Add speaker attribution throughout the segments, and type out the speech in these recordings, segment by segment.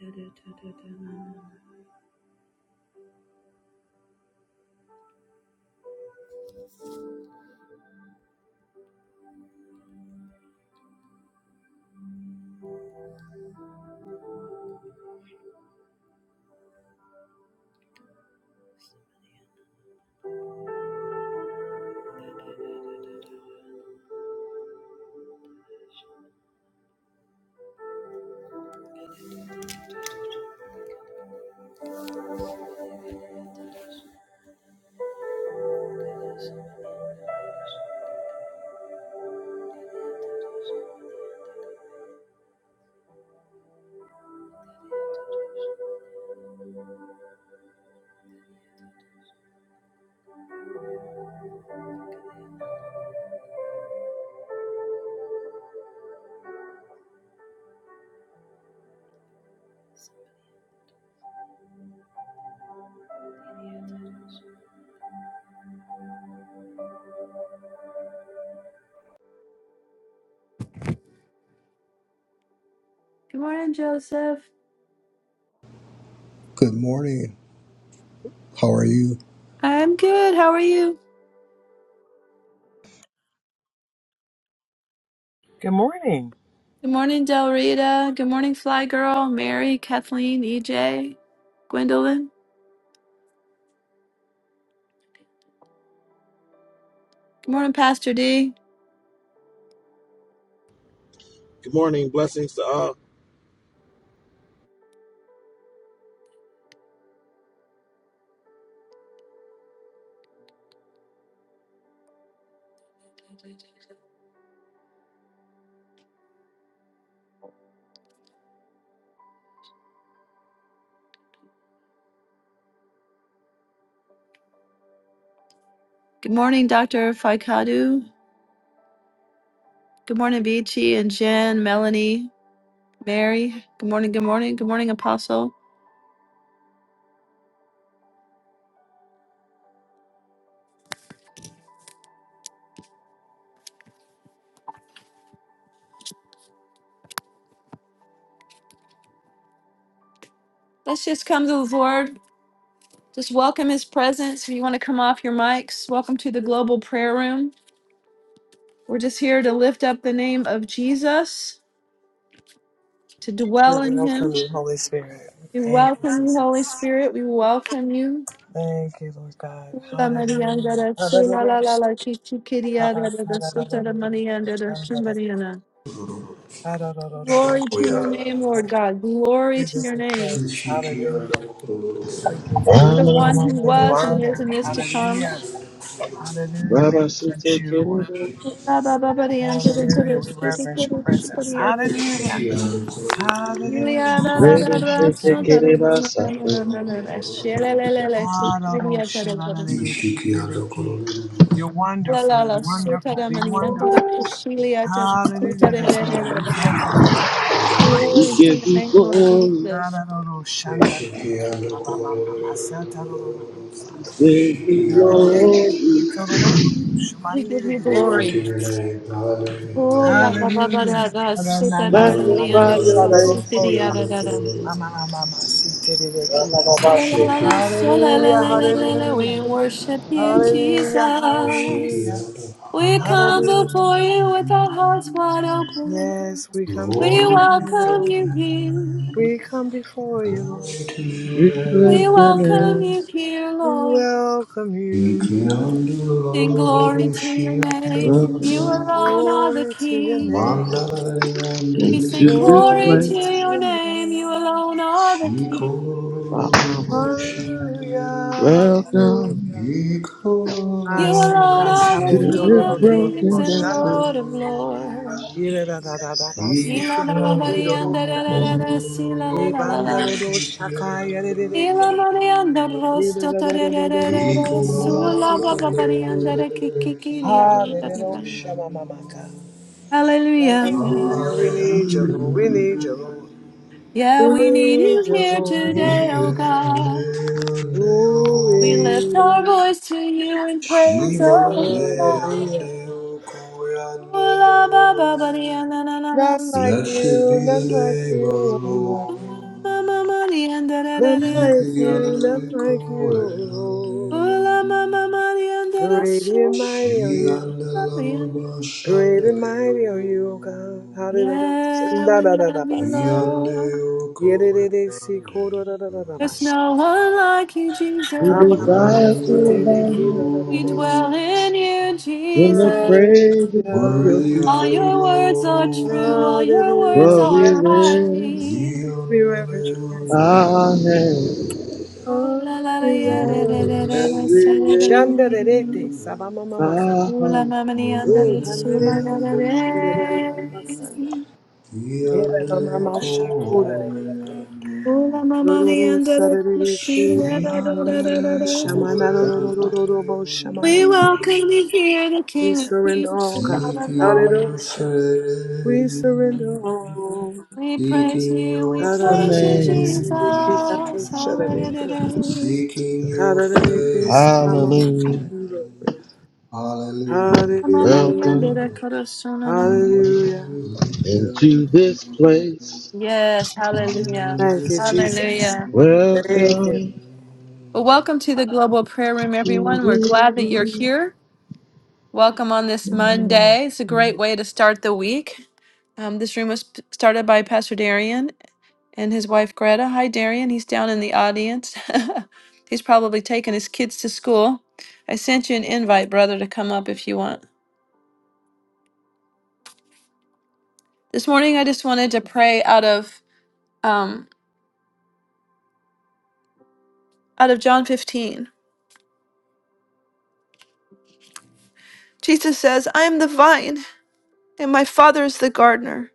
Speaker 1: Good morning, Joseph.
Speaker 2: Good morning. How are you?
Speaker 1: I'm good. How are you?
Speaker 3: Good morning.
Speaker 1: Good morning, Del Rita. Good morning, Fly Girl, Mary, Kathleen, EJ, Gwendolyn. Good morning, Pastor D.
Speaker 4: Good morning. Blessings to all.
Speaker 1: Good morning, Dr. Faikadu. Good morning, Vici and Jen, Melanie, Mary. Good morning, good morning, good morning, Apostle. Let's just come to the Lord. Just welcome his presence. If you want to come off your mics, welcome to the global prayer room. We're just here to lift up the name of Jesus, to
Speaker 3: We
Speaker 1: dwell in
Speaker 3: welcome
Speaker 1: him.
Speaker 3: you, Holy Spirit.
Speaker 1: We
Speaker 3: Thank you,
Speaker 1: welcome you, Holy
Speaker 3: Jesus.
Speaker 1: Spirit. We welcome you.
Speaker 3: Thank you, Lord God.
Speaker 1: Ula
Speaker 3: Hallelujah.
Speaker 1: Marianda da Sula
Speaker 3: Hallelujah.
Speaker 1: la la la Kichi
Speaker 3: Shabbat.
Speaker 1: Kiriada da da Sota da
Speaker 3: Hallelujah.
Speaker 1: Marianda da
Speaker 3: Shandadadada.
Speaker 1: Chumariana. Glory to your name, Lord God.
Speaker 3: Hallelujah.
Speaker 1: Glory
Speaker 3: We
Speaker 1: to
Speaker 3: give
Speaker 1: your
Speaker 3: you
Speaker 1: name.
Speaker 3: praise. Hallelujah. We give you
Speaker 1: You are the one
Speaker 3: praise.
Speaker 1: who
Speaker 3: We give you
Speaker 1: was and
Speaker 4: Ramanamamamasa,
Speaker 1: is
Speaker 3: honor.
Speaker 1: and is to come.
Speaker 3: Hallelujah. Hallelujah. We reverence you, Lord.
Speaker 4: Rabasitekerebo,
Speaker 1: Ula ba ba ba di anda da da da
Speaker 3: Hallelujah. We
Speaker 1: Sota
Speaker 3: reverence
Speaker 1: da
Speaker 3: your
Speaker 1: da
Speaker 3: presence.
Speaker 1: Chumariata da
Speaker 3: Hallelujah.
Speaker 1: da. Glory to
Speaker 3: Hallelujah. Hallelujah.
Speaker 1: your
Speaker 3: We thank you.
Speaker 4: Rebeshetekerebasata.
Speaker 3: Aroroshananededededeki. You're wonderful. You're wonderful. You're wonderful. Hallelujah this morning. We thank you for your mercy, your
Speaker 4: We
Speaker 3: grace.
Speaker 4: give you
Speaker 1: name, Lord
Speaker 4: glory,
Speaker 1: Jesus.
Speaker 3: Aroroshandadeki. Abamamamasatarosa.
Speaker 4: we give you glory,
Speaker 1: We give you
Speaker 2: Glory
Speaker 1: glory.
Speaker 2: to your name. Hallelujah.
Speaker 1: Oh, la la
Speaker 2: Hallelujah. Hallelujah.
Speaker 1: la la
Speaker 3: Hallelujah.
Speaker 1: la la, sota de
Speaker 4: magnify
Speaker 1: calianda and
Speaker 4: your name.
Speaker 2: Hallelujah.
Speaker 1: pasifidia da da da. La
Speaker 2: Kiando
Speaker 1: la la
Speaker 4: Ramamamamasa.
Speaker 1: la, so la la
Speaker 3: Hallelujah,
Speaker 1: la la la la, we
Speaker 3: hallelujah,
Speaker 1: worship you,
Speaker 3: hallelujah,
Speaker 2: Glory to the
Speaker 1: Jesus.
Speaker 3: hallelujah,
Speaker 1: We
Speaker 2: name,
Speaker 1: come
Speaker 3: hallelujah.
Speaker 1: before you with our hearts wide open.
Speaker 3: Yes, we come
Speaker 1: We
Speaker 2: glory
Speaker 3: before
Speaker 2: to
Speaker 3: you,
Speaker 1: welcome
Speaker 3: Lord.
Speaker 1: you here.
Speaker 3: We come before you, Lord.
Speaker 2: the
Speaker 4: We
Speaker 1: We
Speaker 4: lift
Speaker 2: name.
Speaker 4: your
Speaker 1: welcome
Speaker 4: name,
Speaker 1: you here,
Speaker 3: We
Speaker 1: Lord.
Speaker 3: welcome you.
Speaker 1: Sing glory to your name.
Speaker 2: Ikiandulaboshiandulabu,
Speaker 1: You
Speaker 4: welcome
Speaker 1: alone are the
Speaker 3: Glory to your
Speaker 1: King.
Speaker 3: name.
Speaker 1: We sing
Speaker 4: into this
Speaker 1: glory to
Speaker 4: place.
Speaker 3: Glory to
Speaker 1: your
Speaker 2: mandariandulakiandulabu,
Speaker 3: your
Speaker 1: name. You
Speaker 3: name.
Speaker 1: alone are the King.
Speaker 4: Ramamamamasa.
Speaker 2: shikolaboshianda,
Speaker 3: Hallelujah,
Speaker 4: Welcome
Speaker 3: hallelujah.
Speaker 1: You alone
Speaker 3: Asaka
Speaker 1: are the
Speaker 4: to
Speaker 3: sabo
Speaker 1: King
Speaker 4: this
Speaker 3: toro ro
Speaker 1: of
Speaker 3: ro ro ro
Speaker 1: kings
Speaker 3: ro
Speaker 4: broken
Speaker 1: and
Speaker 3: shanda.
Speaker 4: vessel.
Speaker 1: Lord of lords.
Speaker 2: ikolaboshiandulakolabale.
Speaker 3: Ira da da da da da si
Speaker 1: Ila
Speaker 3: te
Speaker 1: ba
Speaker 3: ro
Speaker 1: ba ba
Speaker 2: Isham
Speaker 3: ri
Speaker 1: di
Speaker 3: ro
Speaker 1: an da da da da da, si la la
Speaker 2: kuru
Speaker 1: la la
Speaker 2: kubu
Speaker 1: la.
Speaker 3: Rebandaro Shakaya
Speaker 2: shikiyandala.
Speaker 1: Ila
Speaker 3: Rebeke.
Speaker 1: Marianda Rosto
Speaker 3: Rebero
Speaker 1: Torerererere
Speaker 3: Mamma
Speaker 1: Sula
Speaker 3: Sita
Speaker 1: Baba Marianda
Speaker 3: Rebeke, Hallelujah.
Speaker 1: Kikikiri
Speaker 3: Shama Mamaka.
Speaker 1: Hallelujah.
Speaker 3: Hallelujah. We need you, Lord. We need
Speaker 2: Hallelujah.
Speaker 3: you, Lord. We
Speaker 1: Yeah, we need you
Speaker 3: need you,
Speaker 1: here
Speaker 3: Lord.
Speaker 1: today, oh God. We lift our
Speaker 3: Glory.
Speaker 1: voice to you in praise, oh God.
Speaker 3: Hallelujah.
Speaker 1: Ula Baba Marianda na na na
Speaker 3: None like
Speaker 2: Blessed be
Speaker 3: you,
Speaker 2: the
Speaker 3: none like
Speaker 2: name of the
Speaker 3: you, oh Lord.
Speaker 1: Ula Mama
Speaker 2: Lord.
Speaker 1: Marianda re re
Speaker 3: None like
Speaker 2: Worthy are
Speaker 3: you, none
Speaker 2: you,
Speaker 1: re
Speaker 3: like you, oh Lord.
Speaker 2: Lord.
Speaker 1: Ula Mama Marianda
Speaker 3: Great and
Speaker 1: Rosto
Speaker 3: mighty are you. Great and mighty are you, O God. Hallelujah.
Speaker 1: Yeah,
Speaker 3: Da
Speaker 1: we
Speaker 3: da da da
Speaker 1: love you,
Speaker 3: basa.
Speaker 1: Lord.
Speaker 3: Yedede si kodo da da da da
Speaker 1: There's
Speaker 3: bash.
Speaker 1: no one like you, Jesus.
Speaker 4: We
Speaker 3: Haba mama
Speaker 4: desire
Speaker 3: si
Speaker 4: to
Speaker 3: te de ki
Speaker 4: abound.
Speaker 3: da da da
Speaker 1: We
Speaker 3: de si.
Speaker 1: dwell in you,
Speaker 4: in the
Speaker 1: Jesus.
Speaker 4: praises of
Speaker 2: Worthy
Speaker 4: your
Speaker 3: Hallelujah.
Speaker 1: All
Speaker 2: are you,
Speaker 4: people.
Speaker 1: your words
Speaker 2: Lord.
Speaker 1: are true, all your words
Speaker 3: Hallelujah.
Speaker 4: For
Speaker 3: We
Speaker 4: we
Speaker 1: are
Speaker 3: reverence you.
Speaker 4: lift
Speaker 1: right.
Speaker 3: We reverence your presence.
Speaker 4: our hands
Speaker 1: Ooh la la la yeah, da
Speaker 2: Your
Speaker 1: da da
Speaker 3: Hallelujah.
Speaker 1: da da
Speaker 4: and
Speaker 1: sa,
Speaker 4: we
Speaker 2: mercy
Speaker 1: da da.
Speaker 4: lift
Speaker 3: Shanda de de te
Speaker 1: Ooh
Speaker 2: endureth.
Speaker 3: sabama mama ka.
Speaker 4: our
Speaker 1: la
Speaker 4: hearts.
Speaker 1: mama ni anda
Speaker 2: Seeking
Speaker 3: Eh,
Speaker 1: da su
Speaker 3: handa
Speaker 1: la da da
Speaker 3: bo shanda da da da
Speaker 1: da.
Speaker 3: da basanda.
Speaker 2: your
Speaker 3: Eva mama shakura de de te.
Speaker 1: Ooh la
Speaker 2: face,
Speaker 1: mama ni
Speaker 3: Rororo
Speaker 1: anda da kushi
Speaker 3: sarereke,
Speaker 1: da da da da da da.
Speaker 3: shamana
Speaker 4: Seventy-five.
Speaker 3: rororororo bo
Speaker 1: We
Speaker 3: shamamaki.
Speaker 1: welcome you
Speaker 2: seeking
Speaker 1: here, the
Speaker 3: We
Speaker 1: King of
Speaker 3: surrender
Speaker 1: Kings
Speaker 3: all,
Speaker 1: and
Speaker 3: God.
Speaker 1: Lord of Lords.
Speaker 3: Hallelujah. We surrender all.
Speaker 1: We praise you,
Speaker 2: your
Speaker 1: we
Speaker 4: Your
Speaker 1: praise you,
Speaker 3: Ararararere
Speaker 1: Jesus.
Speaker 4: name,
Speaker 3: siriki kato
Speaker 2: face,
Speaker 1: Hallelujah.
Speaker 3: shararende.
Speaker 2: seeking your
Speaker 3: Harararete
Speaker 2: face.
Speaker 3: samamama
Speaker 4: hallelujah.
Speaker 3: shandoroya.
Speaker 2: Hallelujah,
Speaker 3: Hallelujah.
Speaker 4: Welcome
Speaker 2: hallelujah.
Speaker 3: Hallelujah.
Speaker 4: into this place.
Speaker 1: Yes,
Speaker 2: Amen.
Speaker 1: hallelujah.
Speaker 3: Thank you, Jesus.
Speaker 1: Hallelujah.
Speaker 3: Thank you.
Speaker 4: Welcome
Speaker 1: Well, welcome to the Global Prayer Room,
Speaker 4: to
Speaker 1: everyone. We're
Speaker 4: this
Speaker 1: glad that you're
Speaker 4: place.
Speaker 1: here. Welcome on this Monday. It's a great way to start the week. Um, this room was p- started by Pastor Darian and his wife Greta. Hi, Darian. He's down in the audience. He's probably taking his kids to school. I sent you an invite, brother, to come up if you want. This morning, I just wanted to pray out of um, out of John 15. Jesus says, "I am the vine, and my Father is the gardener.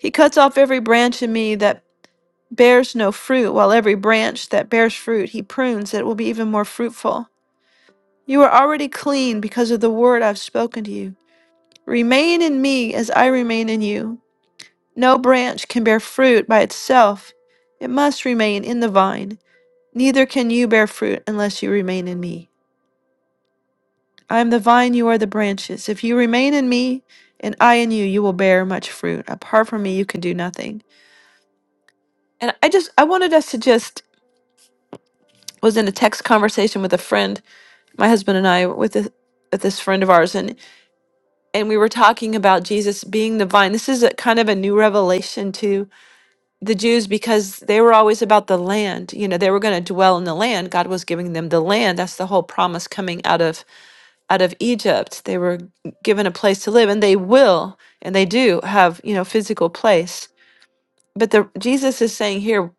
Speaker 1: He cuts off every branch in me that bears no fruit, while every branch that bears fruit, he prunes that it will be even more fruitful. You are already clean because of the word I've spoken to you. Remain in me as I remain in you. No branch can bear fruit by itself. It must remain in the vine. Neither can you bear fruit unless you remain in me. I am the vine, you are the branches. If you remain in me, and I in you, you will bear much fruit. Apart from me, you can do nothing. And I just, I wanted us to just, was in a text conversation with a friend, my husband and I, with this, with this friend of ours, and, and we were talking about Jesus being the vine. This is a kind of a new revelation, too the Jews because they were always about the land. You know, they were going to dwell in the land. God was giving them the land. That's the whole promise coming out of out of Egypt. They were given a place to live and they will and they do have, you know, physical place. But the Jesus is saying here,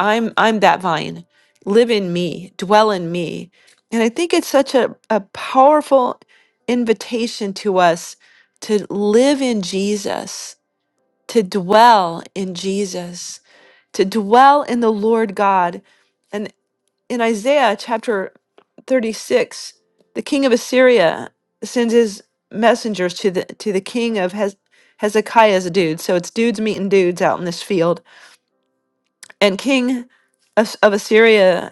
Speaker 1: I'm I'm that vine. Live in me, dwell in me. And I think it's such a, a powerful invitation to us to live in Jesus, to dwell in Jesus to dwell in the Lord God. And in Isaiah chapter 36, the king of Assyria sends his messengers to the to the king of Hez- Hezekiah's dudes. So it's dudes meeting dudes out in this field. And king of, of Assyria's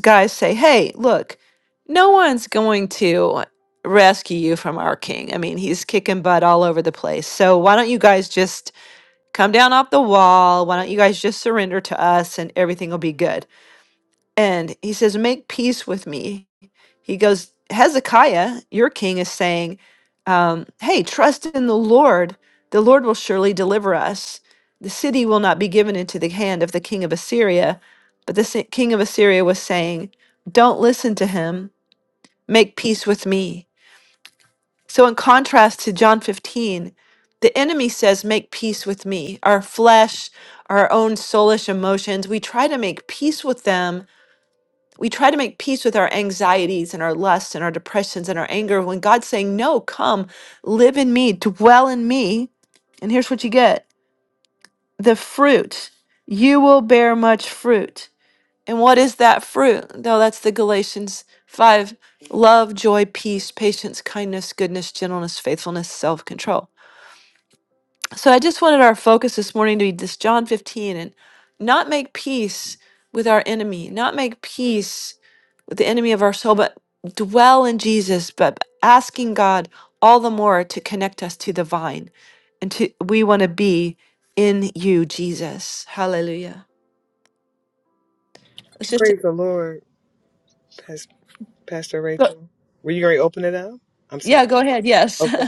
Speaker 1: guys say, "Hey, look, no one's going to rescue you from our king. I mean, he's kicking butt all over the place. So why don't you guys just Come down off the wall. Why don't you guys just surrender to us and everything will be good? And he says, Make peace with me. He goes, Hezekiah, your king, is saying, um, Hey, trust in the Lord. The Lord will surely deliver us. The city will not be given into the hand of the king of Assyria. But the si- king of Assyria was saying, Don't listen to him. Make peace with me. So, in contrast to John 15, the enemy says, Make peace with me. Our flesh, our own soulish emotions, we try to make peace with them. We try to make peace with our anxieties and our lusts and our depressions and our anger when God's saying, No, come, live in me, dwell in me. And here's what you get the fruit. You will bear much fruit. And what is that fruit? No, that's the Galatians 5 love, joy, peace, patience, kindness, goodness, gentleness, faithfulness, self control. So I just wanted our focus this morning to be this John 15 and not make peace with our enemy, not make peace with the enemy of our soul, but dwell in Jesus, but asking God all the more to connect us to the vine. And to, we want to be in you, Jesus. Hallelujah. Let's just,
Speaker 3: Praise the Lord, Pas- Pastor
Speaker 1: go,
Speaker 3: Rachel. Were you going to open it up? I'm sorry.
Speaker 1: yeah, go ahead. Yes.
Speaker 3: Okay.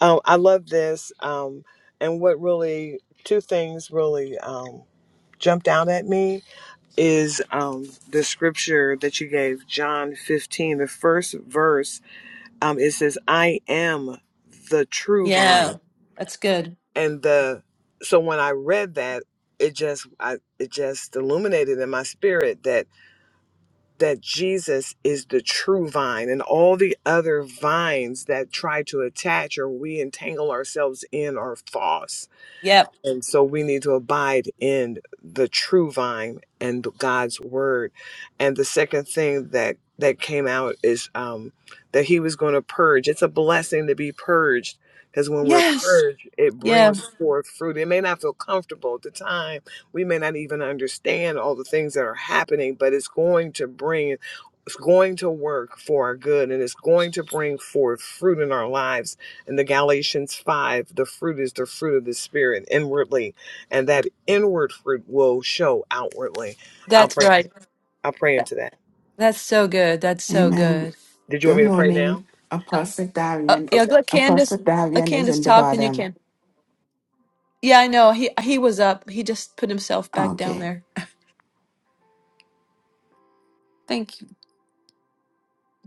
Speaker 3: Um, I love this. Um, and what really, two things really um, jumped out at me is um, the scripture that you gave, John 15, the first verse. Um, it says, I am the true
Speaker 1: Yeah,
Speaker 3: vine.
Speaker 1: that's good.
Speaker 3: And the, so when I read that, it just, I, it just illuminated in my spirit that that Jesus is the true vine, and all the other vines that try to attach or we entangle ourselves in are false
Speaker 1: Yep.
Speaker 3: And so we need to abide in the true vine and God's word. And the second thing that that came out is um, that he was going to purge. It's a blessing to be purged because when we're
Speaker 1: Yes.
Speaker 3: purged, it
Speaker 1: Yeah,
Speaker 3: brings forth fruit. It may not feel comfortable at the time. We may not even understand all the things that are happening, but it's going to bring it's going to work for our good and it's going to bring forth fruit in our lives. In the Galatians 5, the fruit is the fruit of the Spirit inwardly, and that inward fruit will show outwardly. I'll
Speaker 1: that's
Speaker 3: pray.
Speaker 1: right.
Speaker 3: I'll pray into that.
Speaker 1: That's so good. That's so
Speaker 5: Amen.
Speaker 1: good.
Speaker 3: Did you want
Speaker 5: Good
Speaker 3: me to pray now?
Speaker 5: morning, Apostle
Speaker 1: Uh,
Speaker 5: Darian.
Speaker 1: yeah,
Speaker 3: Okay.
Speaker 1: let Candace,
Speaker 5: Apostle
Speaker 1: let
Speaker 5: Darian is
Speaker 1: Candace
Speaker 5: in the
Speaker 1: talk, then you
Speaker 5: bottom.
Speaker 1: can. Yeah, I know. He he was up. He just put himself back down
Speaker 5: Okay.
Speaker 1: there. Thank you.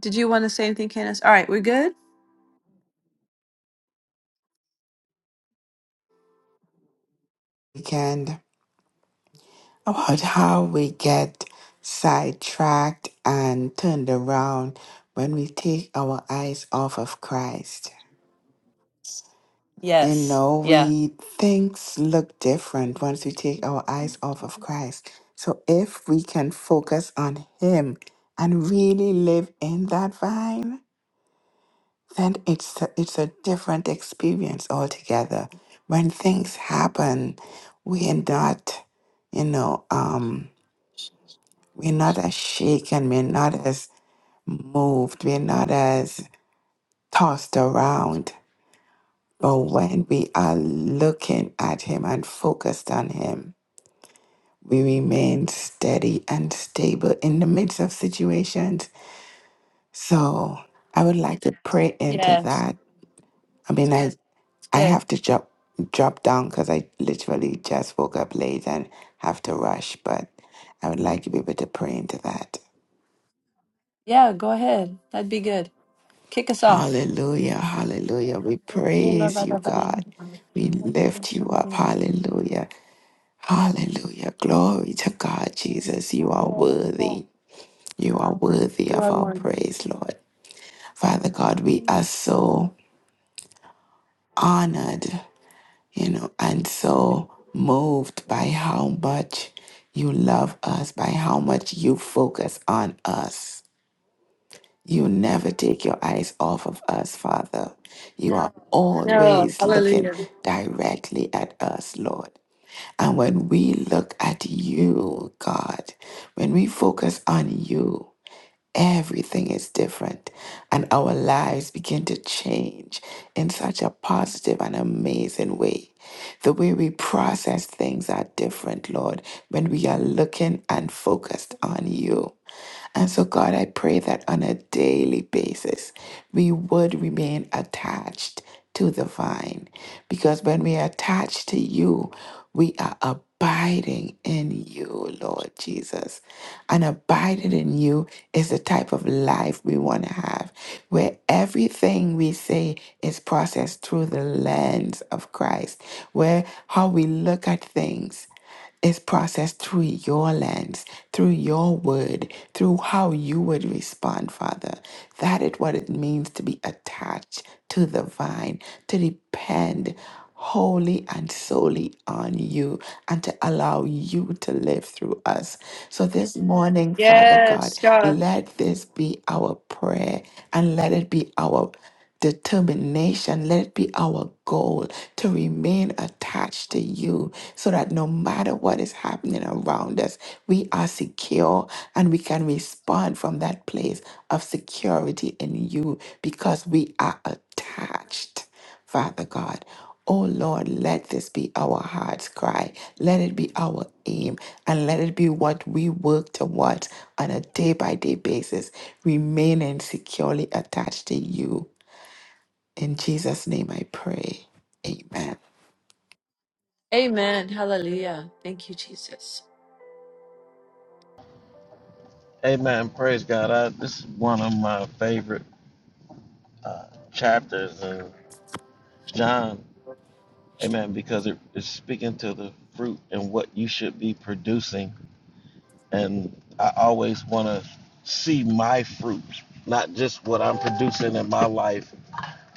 Speaker 1: Did you want to say anything, Candace? All right, we're good?
Speaker 5: Weekend about how we get sidetracked and turned around when we take our eyes off of Christ. You
Speaker 1: Yes.
Speaker 5: know,
Speaker 1: Yeah.
Speaker 5: we things look different once we take our eyes off of Christ. So if we can focus on Him and really live in that vine. then it's a, it's a different experience altogether. When things happen, we are not, you know, um, we're not as shaken, we're not as moved, we're not as tossed around. But when we are looking at Him and focused on Him, we remain steady and stable in the midst of situations. So I would like to pray into
Speaker 1: Yes.
Speaker 5: that. I mean, I
Speaker 1: It's
Speaker 5: I
Speaker 1: good.
Speaker 5: have to drop drop down because I literally just woke up late and have to rush. But I would like to be able to pray into that.
Speaker 1: Yeah, go ahead. That'd be good. Kick us off.
Speaker 5: Hallelujah, hallelujah. We
Speaker 1: We love
Speaker 5: praise you,
Speaker 1: everybody.
Speaker 5: God. We lift you up. Hallelujah, hallelujah. Glory to God, Jesus. You are
Speaker 1: Yes,
Speaker 5: worthy. You are worthy
Speaker 1: You
Speaker 5: of
Speaker 1: are
Speaker 5: our
Speaker 1: one.
Speaker 5: praise, Lord. Father God, we are so honored you know, and so moved by how much you love us, by how much you focus on us. You never take your eyes off of us, Father. You are
Speaker 1: No,
Speaker 5: always looking
Speaker 1: hallelujah.
Speaker 5: directly at us, Lord. And when we look at you, God, when we focus on you, Everything is different, and our lives begin to change in such a positive and amazing way. The way we process things are different, Lord, when we are looking and focused on you. And so, God, I pray that on a daily basis, we would remain attached to the vine. Because when we are attached to you, we are abiding in you, Lord Jesus. And abiding in you is the type of life we want to have, where everything we say is processed through the lens of Christ, where how we look at things. It's processed through your lens, through your word, through how you would respond, Father. That is what it means to be attached to the vine, to depend wholly and solely on you, and to allow you to live through us. So this morning, Father God,
Speaker 1: Yes, God.
Speaker 5: let this be our prayer and let it be our determination. Let it be our goal to remain attached to you so that no matter what is happening around us, we are secure and we can respond from that place of security in you because we are attached, Father God. Oh Lord, let this be our heart's cry. Let it be our aim and let it be what we work towards on a day by day basis, remaining securely attached to you in Jesus' name I pray. Amen.
Speaker 1: Amen. Hallelujah. Thank you, Jesus.
Speaker 4: Amen. Praise God. I, this is one of my favorite uh, chapters in John Amen. Because it is speaking to the fruit and what you should be producing. And I always want to see my fruit, not just what I'm producing in my life,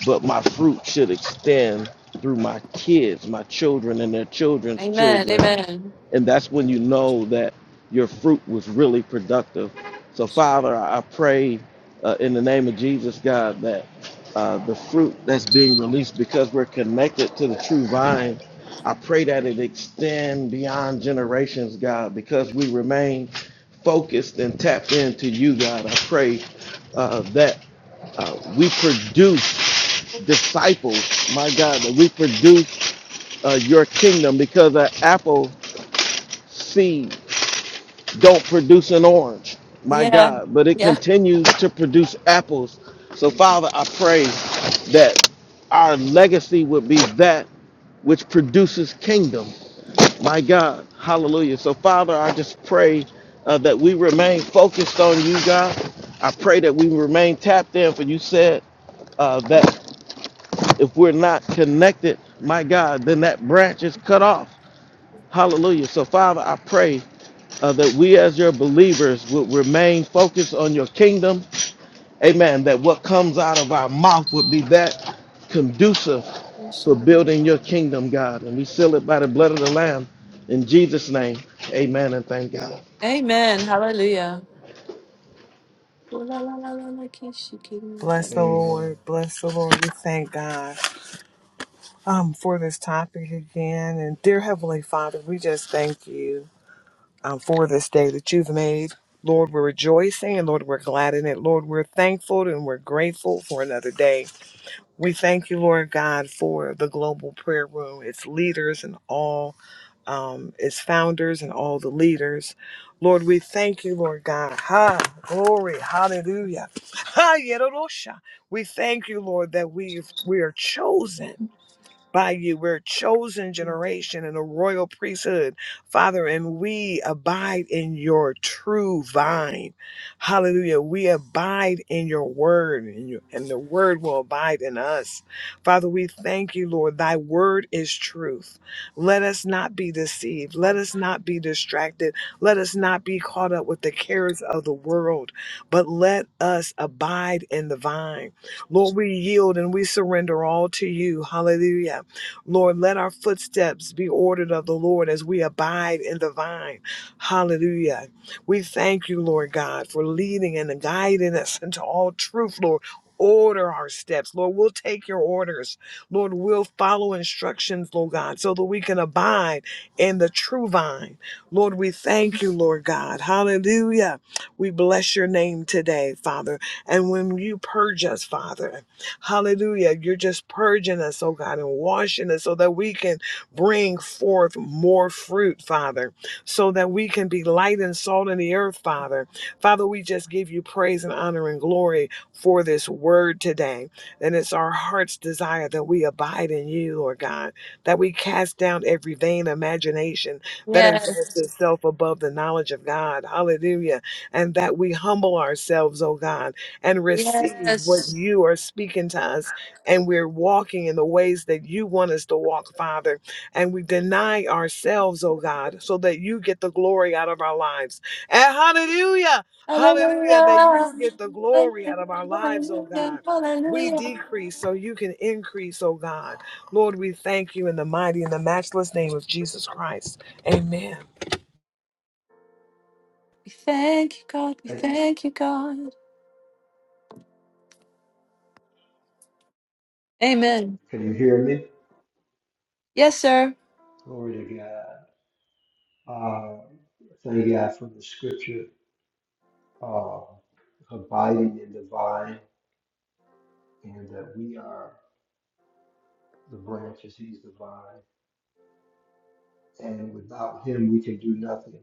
Speaker 4: but my fruit should extend through my kids, my children, and their children's
Speaker 1: Amen.
Speaker 4: children
Speaker 1: Amen.
Speaker 4: and that's when you know that your fruit was really productive. So, Father, I pray uh, in the name of Jesus, God, that uh, the fruit that's being released because we're connected to the true vine, I pray that it extend beyond generations, God, because we remain focused and tapped into you, God. I pray uh, that uh, we produce disciples, my God, that we produce uh, your kingdom because an apple seed don't produce an orange. My
Speaker 1: Yeah.
Speaker 4: God, but it
Speaker 1: Yeah.
Speaker 4: continues to produce apples. So, Father, I pray that our legacy would be that which produces kingdom. My God, hallelujah. So, Father, I just pray uh, that we remain focused on you, God. I pray that we remain tapped in, for you said uh, that if we're not connected, my God, then that branch is cut off. Hallelujah. So, Father, I pray uh, that we as your believers would remain focused on your kingdom. Amen. That what comes out of our mouth would be that conducive for building your kingdom, God. And we seal it by the blood of the Lamb. In Jesus' name, amen and thank God.
Speaker 1: Amen. Hallelujah.
Speaker 3: Bless the
Speaker 2: Hey,
Speaker 3: Lord. Bless the Lord. We thank God um, for this topic again. And dear Heavenly Father, we just thank you. um, for this day that you've made. Lord, we're rejoicing and Lord, we're glad in it. Lord, we're thankful and we're grateful for another day. We thank you, Lord God, for the global prayer room, its leaders and all, um, its founders and all the leaders. Lord, we thank you, Lord God. Ha, glory, hallelujah. Ha, yedorosha. We thank you, Lord, that we we are chosen by you. We're a chosen generation and a royal priesthood, Father, and we abide in your true vine. Hallelujah. We abide in your word, and, your, and the word will abide in us. Father, we thank you, Lord. Thy word is truth. Let us not be deceived. Let us not be distracted. Let us not be caught up with the cares of the world, but let us abide in the vine. Lord, we yield and we surrender all to you. Hallelujah. Lord, let our footsteps be ordered of the Lord as we abide in the vine. Hallelujah. We thank you, Lord God, for leading and guiding us into all truth, Lord. Order our steps, Lord. We'll take your orders, Lord. We'll follow instructions, Lord God, so that we can abide in the true vine. Lord, we thank you, Lord God. Hallelujah. We bless your name today, Father. And when you purge us, Father, Hallelujah. You're just purging us, oh God, and washing us so that we can bring forth more fruit, Father, so that we can be light and salt in the earth, Father. Father, we just give you praise and honor and glory for this word today. And it's our heart's desire that we abide in you, Lord God, that we cast down every vain imagination that exalts
Speaker 1: Yes.
Speaker 3: itself above the knowledge of God. Hallelujah. And that we humble ourselves, oh God and receive what you are speaking to us. And we're walking in the ways that you want us to walk, Father. And we deny ourselves, oh God, so that you get the glory out of our lives. And hallelujah, hallelujah, that you get the glory out of our lives, oh God. We decrease so you can increase, oh God. Lord, we thank you in the mighty and the matchless name of Jesus Christ. Amen.
Speaker 1: We thank you, God. We thank you, God. Amen.
Speaker 2: can you hear me?
Speaker 1: Yes, sir.
Speaker 2: Glory to God. Uh, thank God for the scripture, uh, abiding in the vine, and that we are the branches, He's the vine. And without Him, we can do nothing.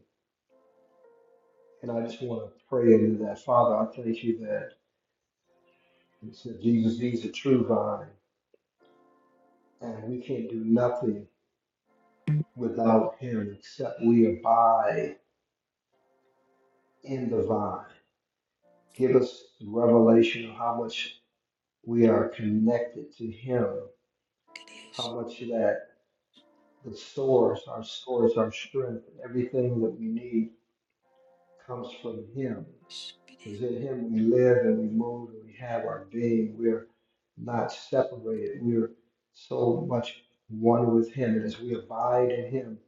Speaker 2: And I just want to pray into that. Father, I thank you that you said, Jesus, He's the true vine, and we can't do nothing without Him except we abide in the vine. give us revelation of how much we are connected to Him, how much that the source, our source, our strength, everything that we need comes from Him. Because in Him we live and we move and we have our being. We're not separated. We're so much one with Him. And as we abide in Him,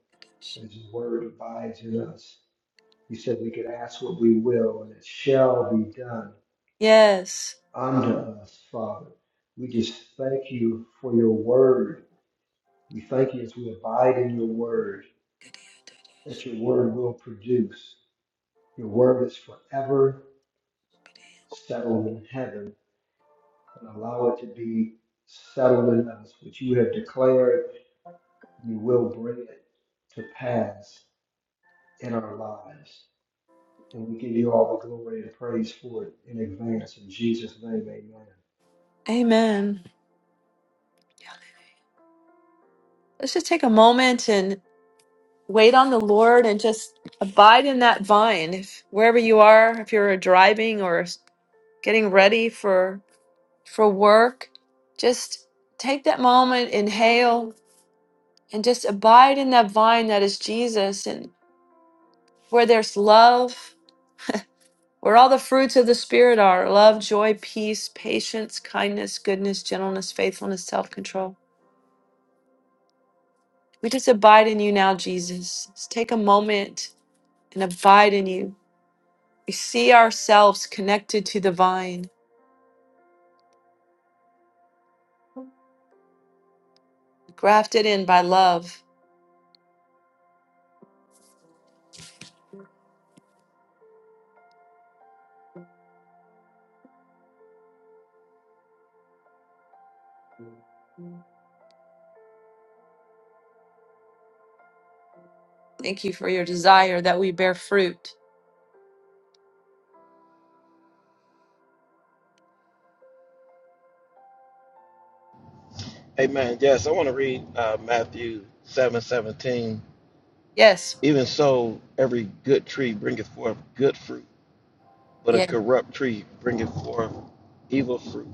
Speaker 2: as His Word abides in us, He said we could ask what we will and it shall be done
Speaker 1: Yes.
Speaker 2: under us, Father. We just thank you for your word. We thank you as we abide in your word, that your word will produce. Your word is forever settled in heaven and allow it to be settled in us, which you have declared you will bring it to pass in our lives. And we give you all the glory and praise for it in advance. In Jesus' name, amen.
Speaker 1: Amen. Let's just take a moment and wait on the Lord and just abide in that vine. If wherever you are, if you're driving or s- getting ready for for work, just take that moment, inhale, and just abide in that vine that is Jesus. And where there's love, where all the fruits of the Spirit are love, joy, peace, patience, kindness, goodness, gentleness, faithfulness, self control. We just abide in you now, Jesus. Just take a moment and abide in you. We see ourselves connected to the vine, grafted in by love. Thank you for your desire that we bear fruit.
Speaker 4: Amen. Yes, I want to read uh, Matthew seven seventeen.
Speaker 1: Yes.
Speaker 4: Even so, every good tree bringeth forth good fruit, but a corrupt tree bringeth forth evil fruit.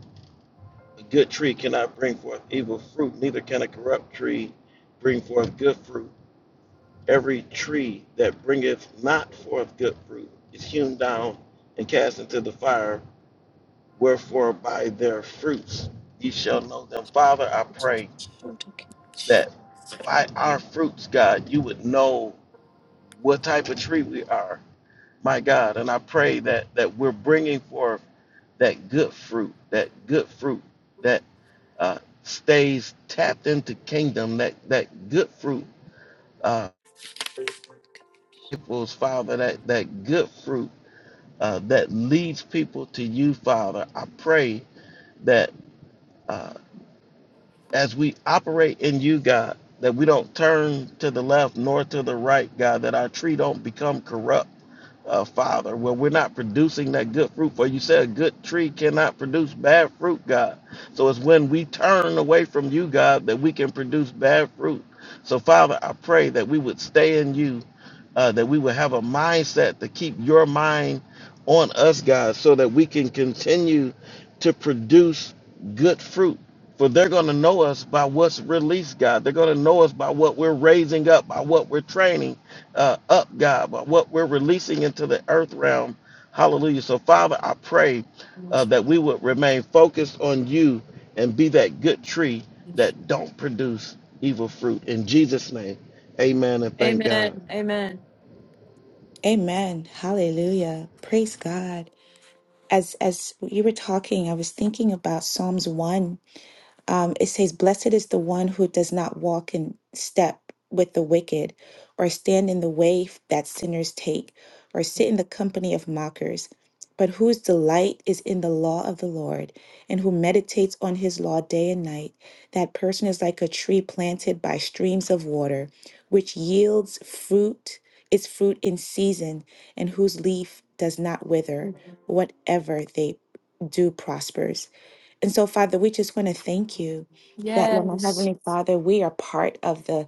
Speaker 4: A good tree cannot bring forth evil fruit, neither can a corrupt tree bring forth good fruit. Every tree that bringeth not forth good fruit is hewn down and cast into the fire. Wherefore, by their fruits ye shall know them. Father, I pray that by our fruits, God, you would know what type of tree we are, my God. And I pray that that we're bringing forth that good fruit, that good fruit that. uh, stays tapped into kingdom, that, that good fruit, uh, equals, Father, that, that good fruit uh, that leads people to you, Father. I pray that uh, as we operate in you, God, that we don't turn to the left nor to the right, God, that our tree don't become corrupt uh, Father, where we're not producing that good fruit. For you said a good tree cannot produce bad fruit, God. So it's when we turn away from you, God, that we can produce bad fruit. So, Father, I pray that we would stay in you uh, that we would have a mindset to keep your mind on us, God, so that we can continue to produce good fruit. For they're going to know us by what's released, God. They're going to know us by what we're raising up, by what we're training uh, up, God, by what we're releasing into the earth realm. Hallelujah. So, Father, I pray uh, that we would remain focused on you and be that good tree that don't produce evil fruit. In Jesus' name, amen and thank God.
Speaker 6: Amen. Hallelujah. Praise God. As as you were talking, I was thinking about Psalms 1 um, it says, Blessed is the one who does not walk in step with the wicked, or stand in the way that sinners take, or sit in the company of mockers, but whose delight is in the law of the Lord, and who meditates on his law day and night. That person is like a tree planted by streams of water, which yields fruit, its fruit in season, and whose leaf does not wither. Whatever they do prospers. And so, Father, we just want to thank you that, Lord, my Heavenly Father, we are part of the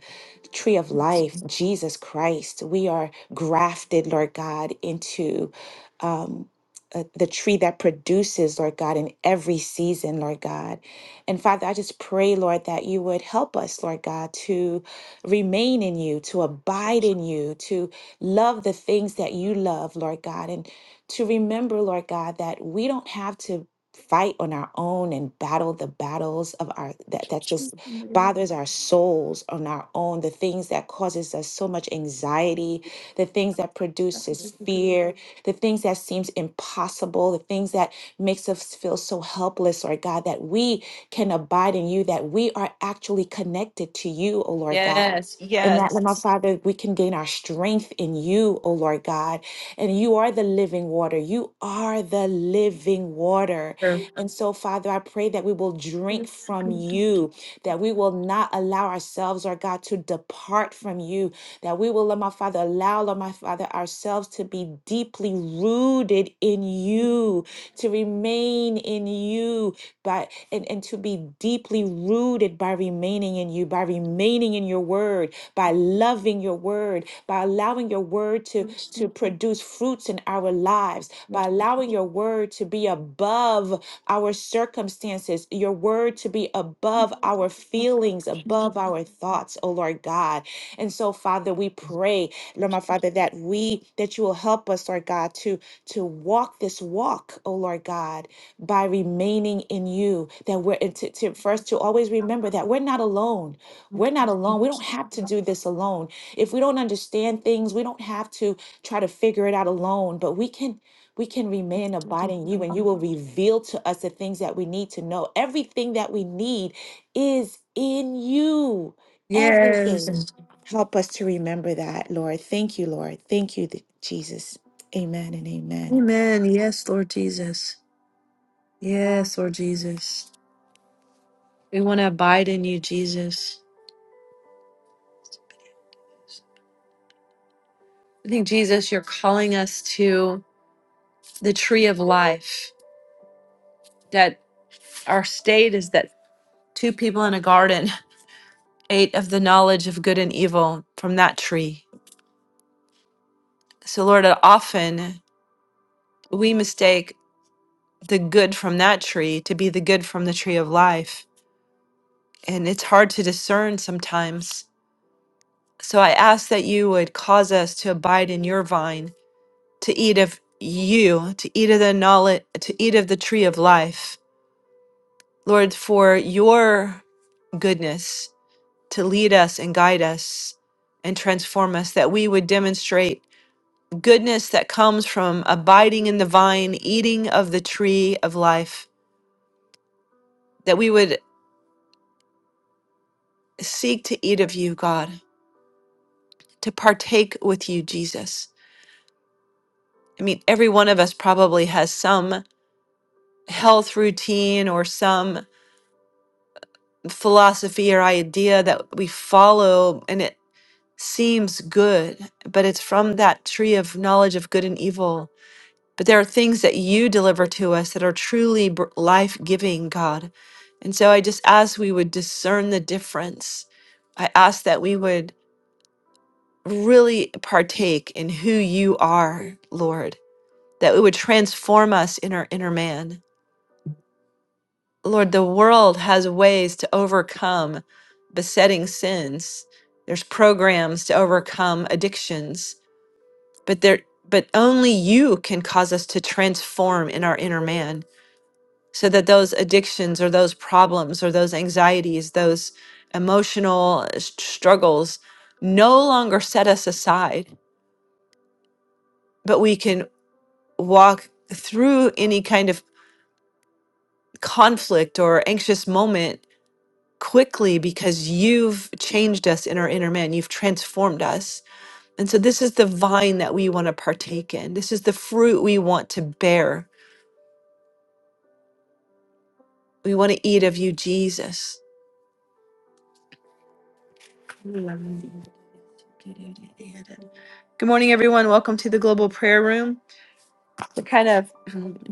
Speaker 6: tree of life, Jesus Christ. We are grafted, Lord God, into. Um, uh, the tree that produces, Lord God, in every season, Lord God. And Father, I just pray, Lord, that you would help us, Lord God, to remain in you, to abide in you, to love the things that you love, Lord God, and to remember, Lord God, that we don't have to fight on our own and battle the battles of our that, that just bothers our souls on our own the things that causes us so much anxiety the things that produces fear the things that seems impossible the things that makes us feel so helpless lord god that we can abide in you that we are actually connected to you o lord god
Speaker 1: Yes.
Speaker 6: and that, Lord, my
Speaker 1: Yes.
Speaker 6: Father, we can gain our strength in you, O Lord God. And you are the living water. You are the living water. And so, Father, I pray that we will drink from you, that we will not allow ourselves, Lord God, to depart from you, that we will, Lord my Father, allow, Lord my Father, ourselves to be deeply rooted in you, to remain in you, by and, and to be deeply rooted by remaining in you, by remaining in your word, by loving your word word, by allowing your word to, to produce fruits in our lives, by allowing your word to be above our circumstances, your word to be above our feelings, above our thoughts, oh Lord God. And so, Father, we pray, Lord my Father, that we that you will help us, Lord God, to to walk this walk, oh Lord God, by remaining in you. That we're and to, to first to always remember that we're not alone. We're not alone. We don't have to do this alone. If we don't understand things, we don't have to try to figure it out alone, but we can we can remain and abide in you and you will reveal to us the things that we need to know. Everything that we need is in you. Everything.
Speaker 1: Yes.
Speaker 6: Help us to remember that, Lord. Thank you, Lord. Thank you, th- Jesus. Amen and amen.
Speaker 1: Amen. Yes, Lord Jesus. Yes, Lord Jesus. We want to abide in you, Jesus. I think, Jesus, you're calling us to the tree of life. That our state is that two people in a garden ate of the knowledge of good and evil from that tree So, Lord, often we mistake the good from that tree to be the good from the tree of life. And it's hard to discern sometimes. So, I ask that you would cause us to abide in your vine, to eat of you, to eat of the knowledge, to eat of the tree of life. Lord, for your goodness to lead us and guide us and transform us, that we would demonstrate goodness that comes from abiding in the vine, eating of the tree of life. that we would seek to eat of you, God, to partake with you, Jesus. I mean, every one of us probably has some health routine or some philosophy or idea that we follow, and it seems good, but it's from that tree of knowledge of good and evil. But there are things that you deliver to us that are truly life giving, God. And so I just ask we would discern the difference. I ask that we would really partake in who you are, Lord, that it would transform us in our inner man. Lord, the world has ways to overcome besetting sins. There's programs to overcome addictions, but there but only you can cause us to transform in our inner man so that those addictions or those problems or those anxieties, those emotional uh, s- struggles no longer set us aside, but we can walk through any kind of conflict or anxious moment quickly because you've changed us in our inner man. You've transformed us. And so, this is the vine that we want to partake in. This is the fruit we want to bear. We want to eat of you, Jesus. Good morning, everyone. Welcome to the Global Prayer Room. We're kind of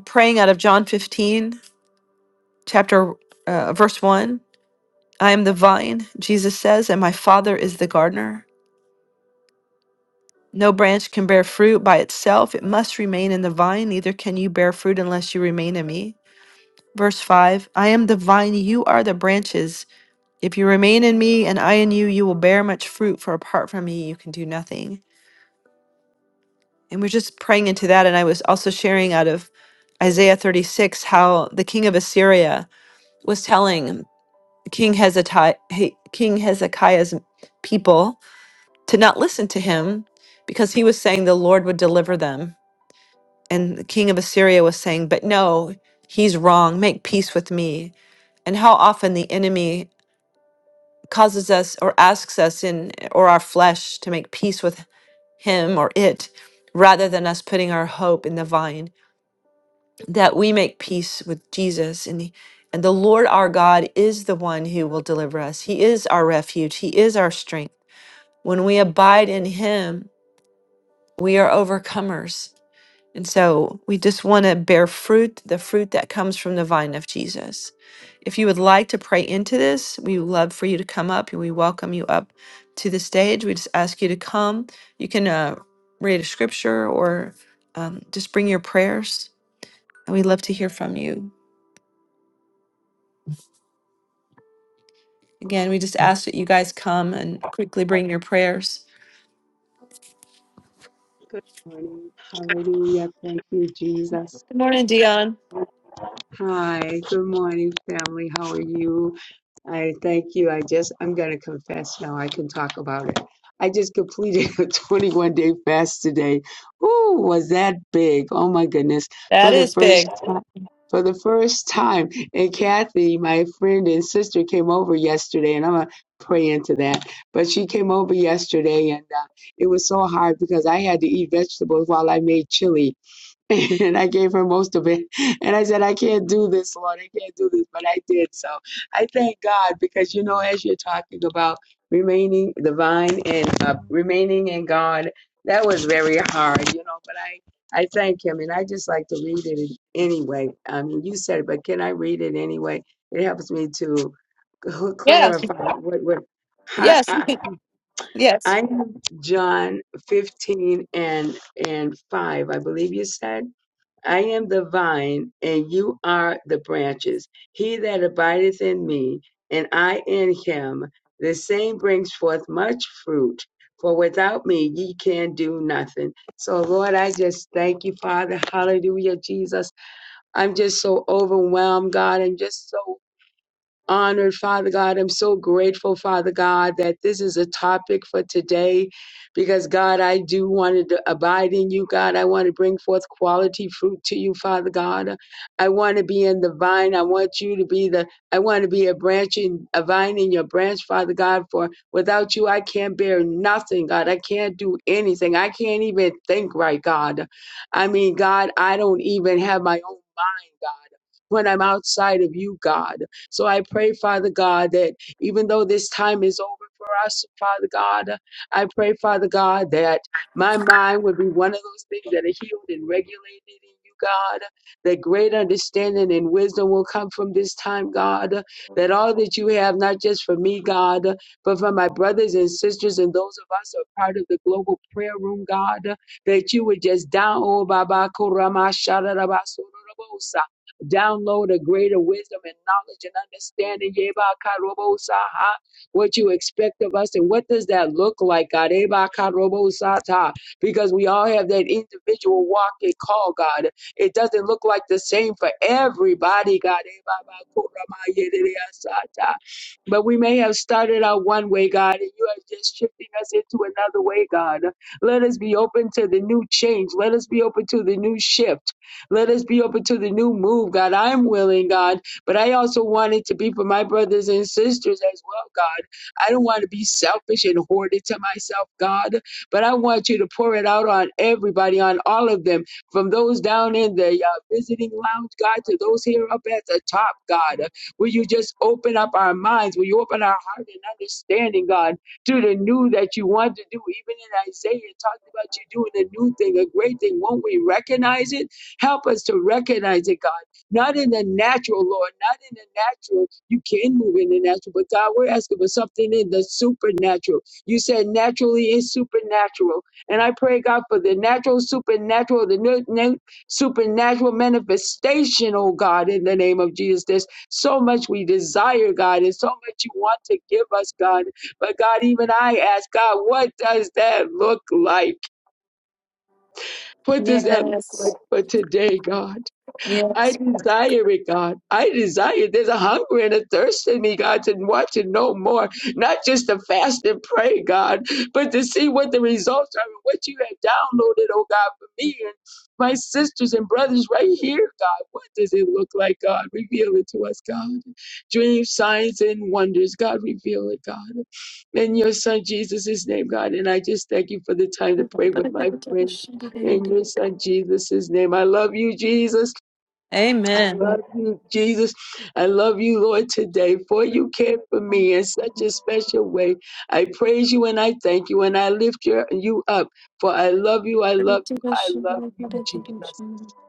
Speaker 1: praying out of John 15, chapter uh, verse 1. I am the vine, Jesus says, and my Father is the gardener. No branch can bear fruit by itself, it must remain in the vine, neither can you bear fruit unless you remain in me. Verse 5 I am the vine, you are the branches. If you remain in me and I in you, you will bear much fruit, for apart from me, you can do nothing. And we're just praying into that. And I was also sharing out of Isaiah 36 how the king of Assyria was telling King, Hezekiah, king Hezekiah's people to not listen to him because he was saying the Lord would deliver them And the king of Assyria was saying, But no, he's wrong. Make peace with me. And how often the enemy causes us or asks us in or our flesh to make peace with him or it rather than us putting our hope in the vine that we make peace with Jesus and and the Lord our God is the one who will deliver us. He is our refuge. He is our strength. When we abide in him, we are overcomers And so we just want to bear fruit, the fruit that comes from the vine of Jesus. If you would like to pray into this, we would love for you to come up and we welcome you up to the stage. We just ask you to come. You can uh, read a scripture or um, just bring your prayers, and we'd love to hear from you. Again, we just ask that you guys come and quickly bring your prayers.
Speaker 7: Good morning. Hallelujah. Thank you, Jesus. Hi, good morning, family. How are you? I thank you. I just, I'm going to confess now. I can talk about it. I just completed a 21 day fast today. Ooh, was that big? Oh my goodness. For the first time. For the first time, and Kathy, my friend and sister, came over yesterday, and I'm gonna pray into that. But she came over yesterday, and uh, it was so hard because I had to eat vegetables while I made chili, And I gave her most of it. And I said, I can't do this, Lord. I can't do this. But I did. So I thank God because, you know, as you're talking about remaining divine and uh, remaining in God, that was very hard, you know. But I, I thank Him. And I just like to read it anyway. I mean, you said it, but can I read it anyway? It helps me to clarify what, what I, I, I'm John 15 and, and 5, I believe you said. I am the vine, and you are the branches. He that abideth in me, and I in him, the same brings forth much fruit. For without me, ye can do nothing. So, Lord, I just thank you, Father. Hallelujah, Jesus. I'm just so overwhelmed, God. I'm just so honored, Father God. I'm so grateful, Father God, that this is a topic for today because, God, I do want to abide in you, God. I want to bring forth quality fruit to you, Father God. I want to be in the vine. I want you to be the, I want to be a branch in, a vine in your branch, Father God, for without you, I can't bear nothing, God. I can't do anything. I can't even think right, God. I mean, God, I don't even have my own mind, God, when I'm outside of you, God. So I pray, Father God, that even though this time is over for us, Father God, I pray, Father God, that my mind would be one of those things that are healed and regulated in you, God, that great understanding and wisdom will come from this time, God, that all that you have, not just for me, God, but for my brothers and sisters and those of us who are part of the global prayer room, God, that you would just down, oh, Baba, Kurama, Shararaba, Download a greater wisdom and knowledge and understanding, Yeba Karobo Saha, what you expect of us and what does that look like, God? Yeba Karobo Sata, because we all have that individual walk and call, God. It doesn't look like the same for everybody, God. Yeba Kurama Yedea Sata. But we may have started out one way, God, and you are just shifting us into another way, God. Let us be open to the new change. Let us be open to the new shift. Let us be open to the new move, God. I'm willing, God, but I also want it to be for my brothers and sisters as well, God. I don't want to be selfish and hoard it to myself, God, but I want you to pour it out on everybody, on all of them, from those down in the uh, visiting lounge, God, to those here up at the top, God. Will you just open up our minds? Will you open our heart and understanding, God, to the new that you want to do? Even in Isaiah, it talked about you doing a new thing, a great thing. Won't we recognize it? Help us to recognize it, God, not in the natural, Lord, not in the natural. You can move in the natural, but God, we're asking for something in the supernatural. You said naturally is supernatural. And I pray, God, for the natural, supernatural, the nu- nu- supernatural manifestation, oh God, in the name of Jesus. There's so much we desire, God, and so much you want to give us, God. But God, even I ask, God, what does that look like? What does that look like for today, God? I desire it, God. I desire. There's a hunger and a thirst in me, God, to want to know more, not just to fast and pray, God, but to see what the results are and what you have downloaded, oh God, for me and my sisters and brothers right here, God. What does it look like, God? Reveal it to us, God. Dreams, signs, and wonders, God, reveal it, God. In your son Jesus' name, God. And I just thank you for the time to pray with my friends. In your son Jesus' name. I love you, Jesus. I love
Speaker 1: Amen.
Speaker 7: you, Jesus. I love you, Lord, today, for you cared for me in such a special way. I praise you and I thank you and I lift your, you up, for I love you, I love you, I love you, Jesus.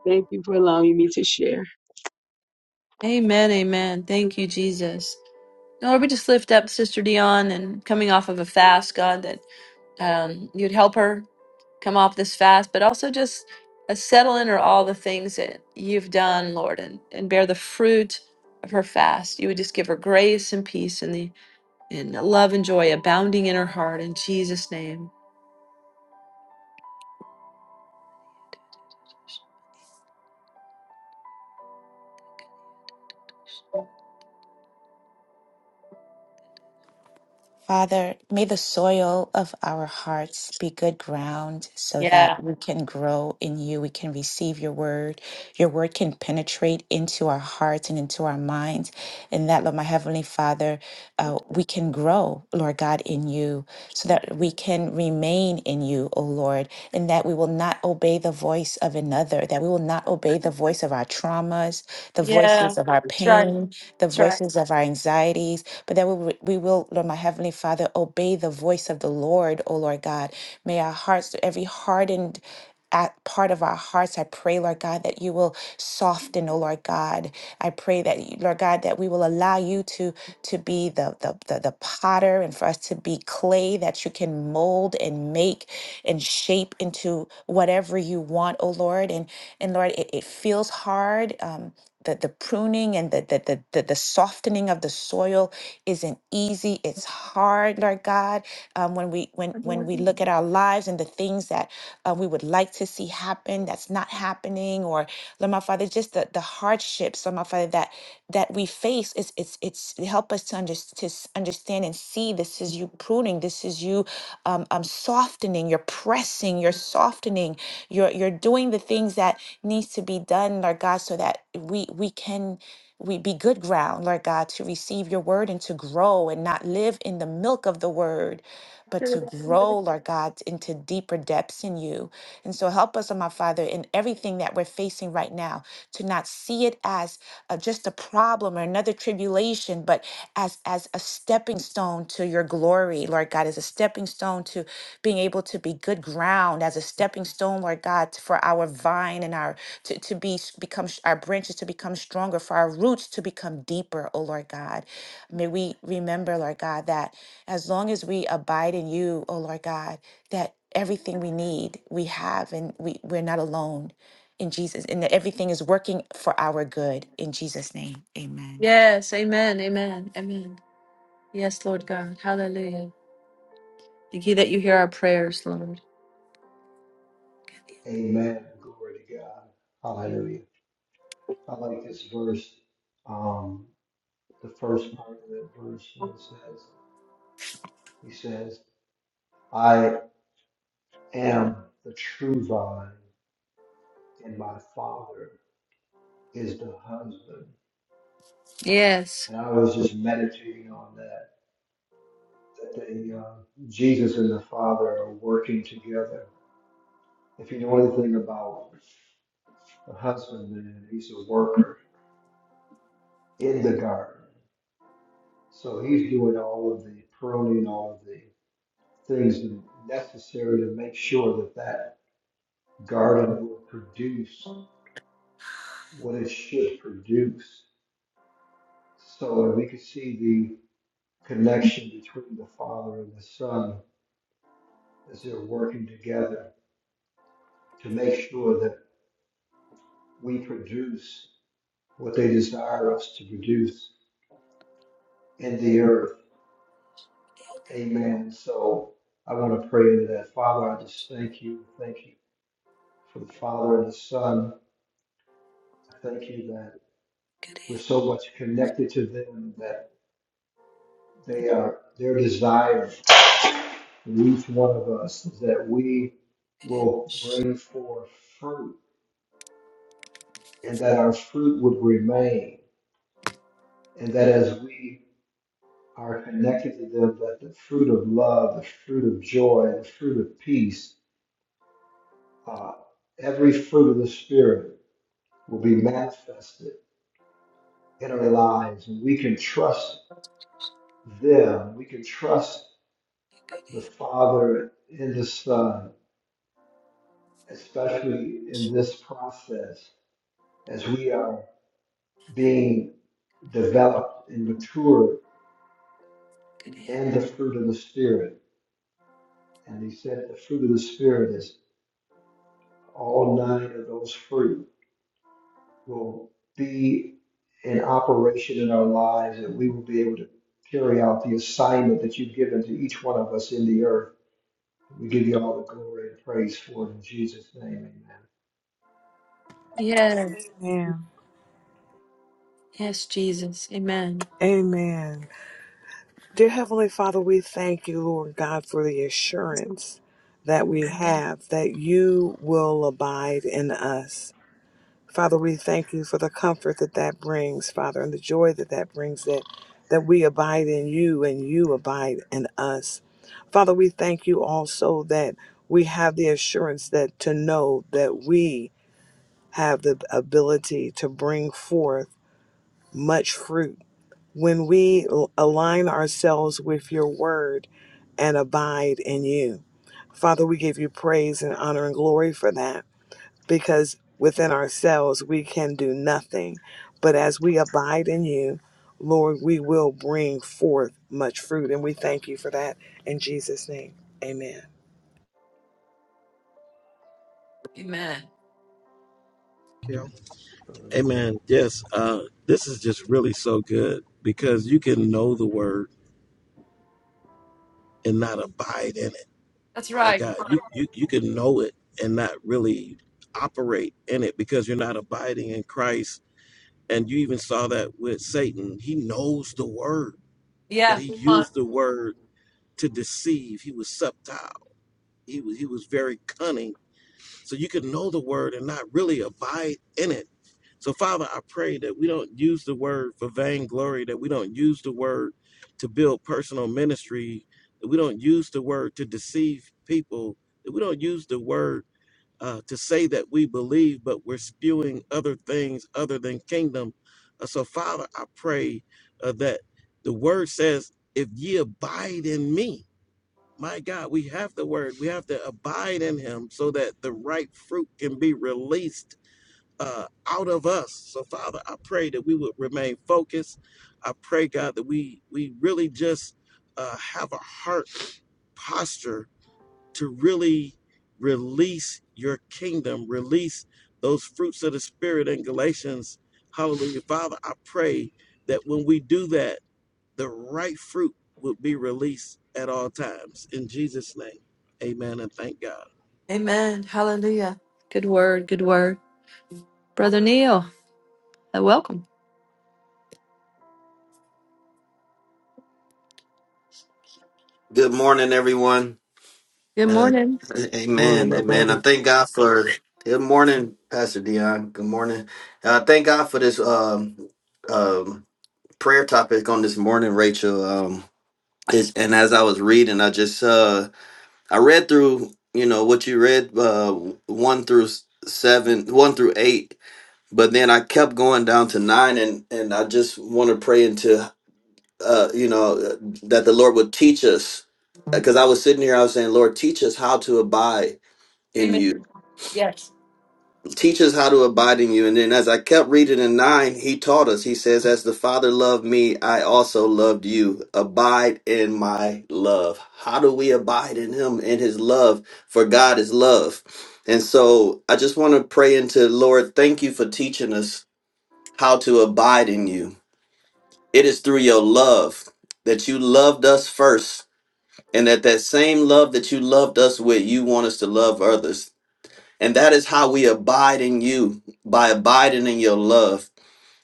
Speaker 7: Thank you for allowing me to share.
Speaker 1: Amen. Amen. Thank you, Jesus. Lord, we just lift up Sister Dion and coming off of a fast, God, that um, you'd help her come off this fast, but also just uh, settle in her all the things that you've done, Lord, and, and bear the fruit of her fast. You would just give her grace and peace and the and love and joy abounding in her heart in Jesus' name.
Speaker 6: Father, may the soil of our hearts be good ground so that we can grow in you. We can receive your word. Your word can penetrate into our hearts and into our minds. And that, Lord, my Heavenly Father, uh, we can grow, Lord God, in you so that we can remain in you, O Lord, and that we will not obey the voice of another, that we will not obey the voice of our traumas, the voices of our pain, the voices of our anxieties, but that we, will- we will, Lord, my Heavenly Father, obey the voice of the Lord, O Lord God. May our hearts, every hardened at part of our hearts. I pray, Lord God, that you will soften, oh Lord God. I pray that you- Lord God, that we will allow you to to be the, the the the potter and for us to be clay that you can mold and make and shape into whatever you want, oh Lord. And and Lord, it, it feels hard. Um, the, the pruning and the, the, the, the, the softening of the soil isn't easy. It's hard, Lord God. Um, when we when when we look at our lives and the things that uh, we would like to see happen that's not happening, or Lord my Father, just the, the hardships, Lord my Father, that that we face is it's it's help us to, under, to s- understand and see this is you pruning, this is you um, um, softening, you're pressing, you're softening, you're you're doing the things that needs to be done, Lord God, so that we we can we be good ground, Lord God, to receive your word and to grow and not live in the milk of the word, but to grow, Lord God, into deeper depths in you. And so help us, oh my Father, in everything that we're facing right now, to not see it as uh, just a problem or another tribulation, but as as a stepping stone to your glory, Lord God, as a stepping stone to being able to be good ground, as a stepping stone, Lord God, for our vine and our to, to be become our branches to become stronger, for our roots to become deeper, oh Lord God. May we remember, Lord God, that as long as we abide in you, oh Lord God, that everything we need we have and we, we're not alone in Jesus, and that everything is working for our good in Jesus' name. Amen.
Speaker 1: Yes, amen, amen, amen. Yes, Lord God, hallelujah. Thank you that you hear our prayers, Lord.
Speaker 2: Amen. Glory to God. Hallelujah. I like this verse, um, the first part of that verse where it says, He says, I am the true vine, and my Father is the husband.
Speaker 1: Yes,
Speaker 2: And I was just meditating on that, that they, uh, Jesus and the Father are working together. If you know anything about the husbandman, he's a worker in the garden. So he's doing all of the pruning, all of the things necessary to make sure that that garden will produce what it should produce. So we can see the connection between the Father and the Son as they're working together to make sure that we produce what they desire us to produce in the earth. Amen. So I want to pray into that. Father, I just thank you. Thank you for the Father and the Son. I thank you that we're so much connected to them that they are their desire in each one of us that we will bring forth fruit and that our fruit would remain and that as we are connected to them that the fruit of love the fruit of joy and the fruit of peace uh, every fruit of the spirit will be manifested in our lives and we can trust them we can trust the father and the son especially in this process as we are being developed and matured and the fruit of the Spirit. And he said the fruit of the Spirit is all nine of those fruit will be in operation in our lives and we will be able to carry out the assignment that you've given to each one of us in the earth. We give you all the glory and praise for it in Jesus' name.
Speaker 1: yeah,
Speaker 3: Amen.
Speaker 1: yes, Jesus, amen.
Speaker 3: Amen. Dear Heavenly Father, we thank you, Lord God, for the assurance that we have that you will abide in us. Father, we thank you for the comfort that that brings, Father, and the joy that that brings that that we abide in you and you abide in us. Father, we thank you also that we have the assurance that to know that we have the ability to bring forth much fruit when we al- align ourselves with your word and abide in you. Father, we give you praise and honor and glory for that because within ourselves we can do nothing. But as we abide in you, Lord, we will bring forth much fruit. And we thank you for that in Jesus' name. Amen.
Speaker 4: Amen. Yes, uh, this is just really so good because you can know the word and not abide in it.
Speaker 1: That's
Speaker 4: My
Speaker 1: right.
Speaker 4: God, you you you can know it and not really operate in it because you're not abiding in Christ. And you even saw that with Satan. He knows the word, but
Speaker 1: Yeah.
Speaker 4: he used the word to deceive. He was subtile. He was he was very cunning. So you can know the word and not really abide in it So, Father, I pray that we don't use the word for vainglory, that we don't use the word to build personal ministry, that we don't use the word to deceive people, that we don't use the word uh, to say that we believe, but we're spewing other things other than kingdom. Uh, so, Father, I pray uh, that the word says, if ye abide in me, my God, we have the word. We have to abide in him so that the right fruit can be released uh, out of us. So, Father, I pray that we would remain focused. I pray, God, that we we really just uh, have a heart posture to really release your kingdom, release those fruits of the Spirit in Galatians. Hallelujah. Father, I pray that when we do that, the right fruit will be released at all times. In Jesus' name, amen and thank God.
Speaker 1: Amen. Hallelujah. Good word. Good word. Brother Neil, uh, welcome.
Speaker 8: Good morning, everyone.
Speaker 1: Good
Speaker 8: Uh,
Speaker 1: morning.
Speaker 4: Good morning,
Speaker 8: amen.
Speaker 4: my
Speaker 8: Amen. I
Speaker 4: brother.
Speaker 8: thank God for good morning, Pastor Dion. Good morning. Uh, thank God for this um, um, prayer topic on this morning, Rachel. Um, it's, and as I was reading, I just uh, I read through you know what you read uh, one through s- seven, one through eight, but then I kept going down to nine, and and I just want to pray into uh, you know, uh, that the Lord would teach us. Because I was sitting here, I was saying, Lord, teach us how to abide in you. Teach us how to abide in you. And then as I kept reading in nine, he taught us, he says, As the Father loved me, I also loved you. Abide in my love. How do we abide in him, in his love? For God is love. And so I just want to pray into Lord, thank you for teaching us how to abide in you. It is through your love that you loved us first And that that same love that you loved us with, you want us to love others. And that is how we abide in you by abiding in your love.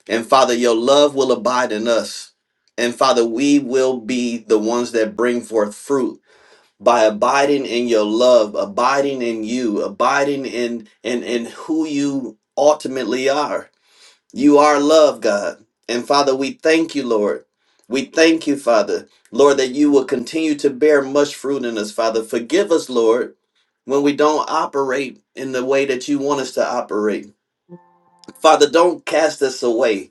Speaker 8: And Father, your love will abide in us. And Father, we will be the ones that bring forth fruit by abiding in your love, abiding in you, abiding in in, in who you ultimately are. You are love, God. And Father, we thank you, Lord. We thank you, Father, Lord, that you will continue to bear much fruit in us, Father. Forgive us, Lord, when we don't operate in the way that you want us to operate. Father, don't cast us away.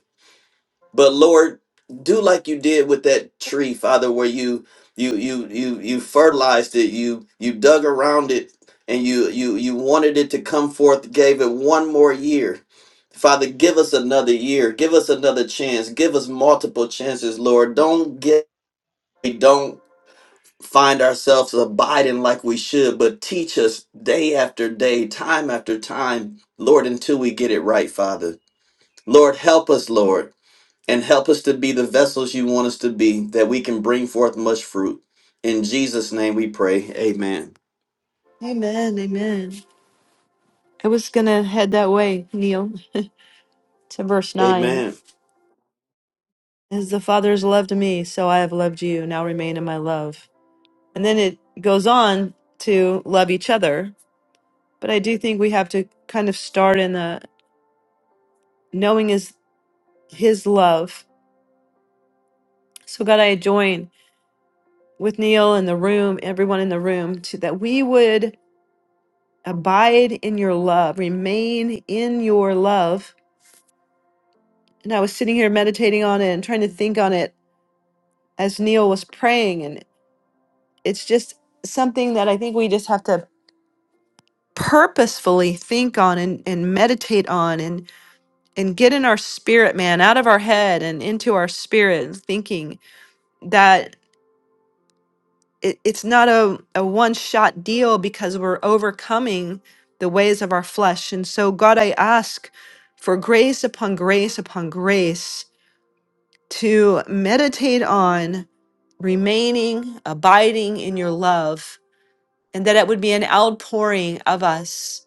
Speaker 8: But Lord, do like you did with that tree, Father, where you you you you you fertilized it, you you dug around it, and you you you wanted it to come forth, gave it one more year. Father, give us another year, give us another chance, give us multiple chances, Lord. Don't get we don't find ourselves abiding like we should, but teach us day after day, time after time, Lord, until we get it right, Father. Lord, help us, Lord and help us to be the vessels you want us to be, that we can bring forth much fruit. In Jesus' name we pray. Amen.
Speaker 1: Amen. Amen. I was going to head that way, Neil, to verse 9.
Speaker 8: Amen.
Speaker 1: As the Father has loved me, so I have loved you. Now remain in my love. And then it goes on to love each other. But I do think we have to kind of start in the knowing is his love. So, God, I join with Neil in the room, everyone in the room, to, that we would abide in your love, remain in your love. And I was sitting here meditating on it and trying to think on it as Neil was praying. And it's just something that I think we just have to purposefully think on and, and meditate on and, and get in our spirit, man, out of our head and into our spirit and thinking that. it, it's not a, a one shot deal because we're overcoming the ways of our flesh. And so, God, I ask for grace upon grace upon grace to meditate on remaining, abiding in your love, and that it would be an outpouring of us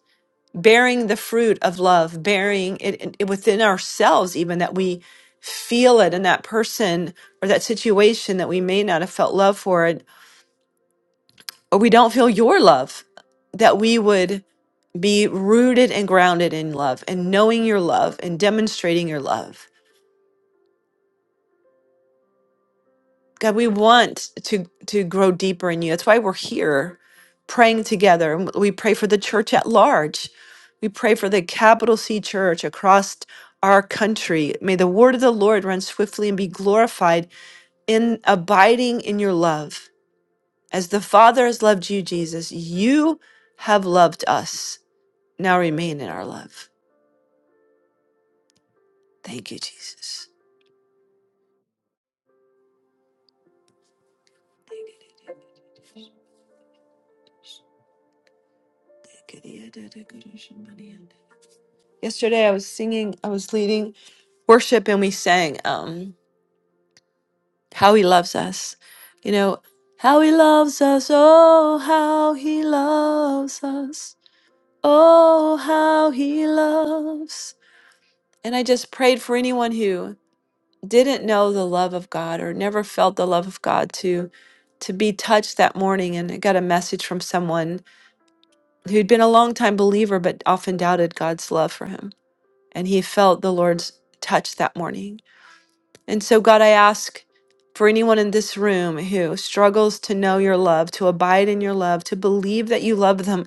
Speaker 1: bearing the fruit of love, bearing it, in- it within ourselves, even that we feel it in that person or that situation that we may not have felt love for. or we don't feel your love, that we would be rooted and grounded in love and knowing your love and demonstrating your love. God, we want to to grow deeper in you. That's why we're here praying together. And We pray for the church at large. We pray for the capital C church across our country. May the word of the Lord run swiftly and be glorified in abiding in your love. As the Father has loved you, Jesus, you have loved us Now remain in our love. Thank you, Jesus. Yesterday I was singing, I was leading worship and we sang um how he loves us. You know, how he loves us, oh how he loves us. Oh how he loves. And I just prayed for anyone who didn't know the love of God or never felt the love of God to to be touched that morning and I got a message from someone who'd been a longtime believer but often doubted God's love for him. And he felt the Lord's touch that morning. And so, God, I ask for anyone in this room who struggles to know your love, to abide in your love, to believe that you love them.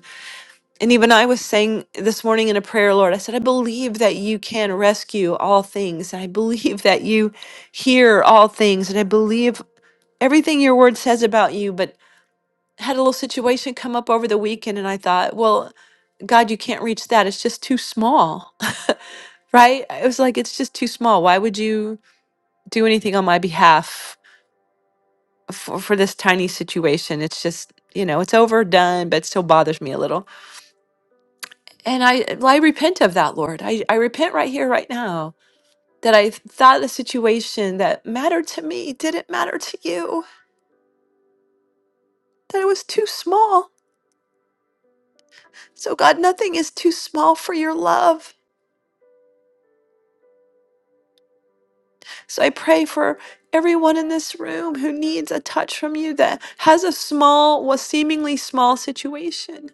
Speaker 1: And even I was saying this morning in a prayer, Lord, I said, I believe that you can rescue all things. And I believe that you hear all things. And I believe everything your word says about you. But I had a little situation come up over the weekend, and I thought, well, God, you can't reach that. It's just too small. right? It was like, it's just too small. Why would you do anything on my behalf for, for this tiny situation? It's just, you know, it's overdone, but it still bothers me a little. And I, well, I repent of that, Lord. I, I repent right here, right now, that I thought the situation that mattered to me didn't matter to you, that it was too small. So, God, nothing is too small for your love. So I pray for everyone in this room who needs a touch from you that has a small, well, seemingly small situation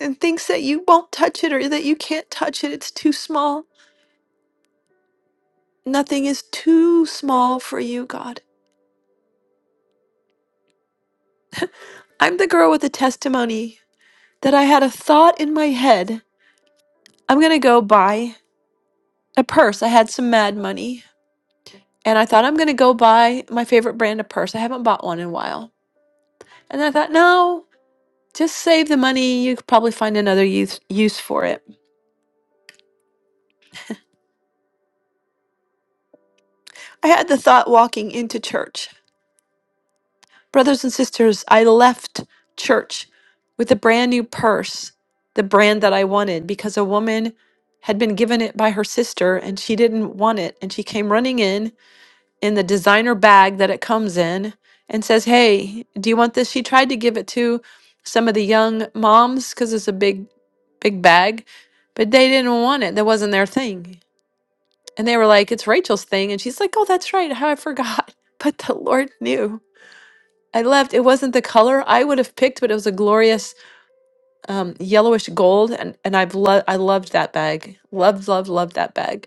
Speaker 1: and thinks that you won't touch it or that you can't touch it. It's too small. Nothing is too small for you, God. I'm the girl with the testimony that I had a thought in my head. I'm going to go buy a purse. I had some mad money and I thought I'm going to go buy my favorite brand of purse. I haven't bought one in a while. And I thought, no, Just save the money. You could probably find another use, use for it. I had the thought walking into church. Brothers and sisters, I left church with a brand new purse, the brand that I wanted, because a woman had been given it by her sister and she didn't want it. And she came running in in the designer bag that it comes in and says, Hey, do you want this? She tried to give it to some of the young moms because it's a big, big bag, but they didn't want it. That wasn't their thing. And they were like, it's Rachel's thing. And she's like, oh, that's right. How I forgot. But the Lord knew. I left. It wasn't the color I would have picked, but it was a glorious um, yellowish gold. And, and I've lo- I loved that bag. Loved, loved, loved that bag.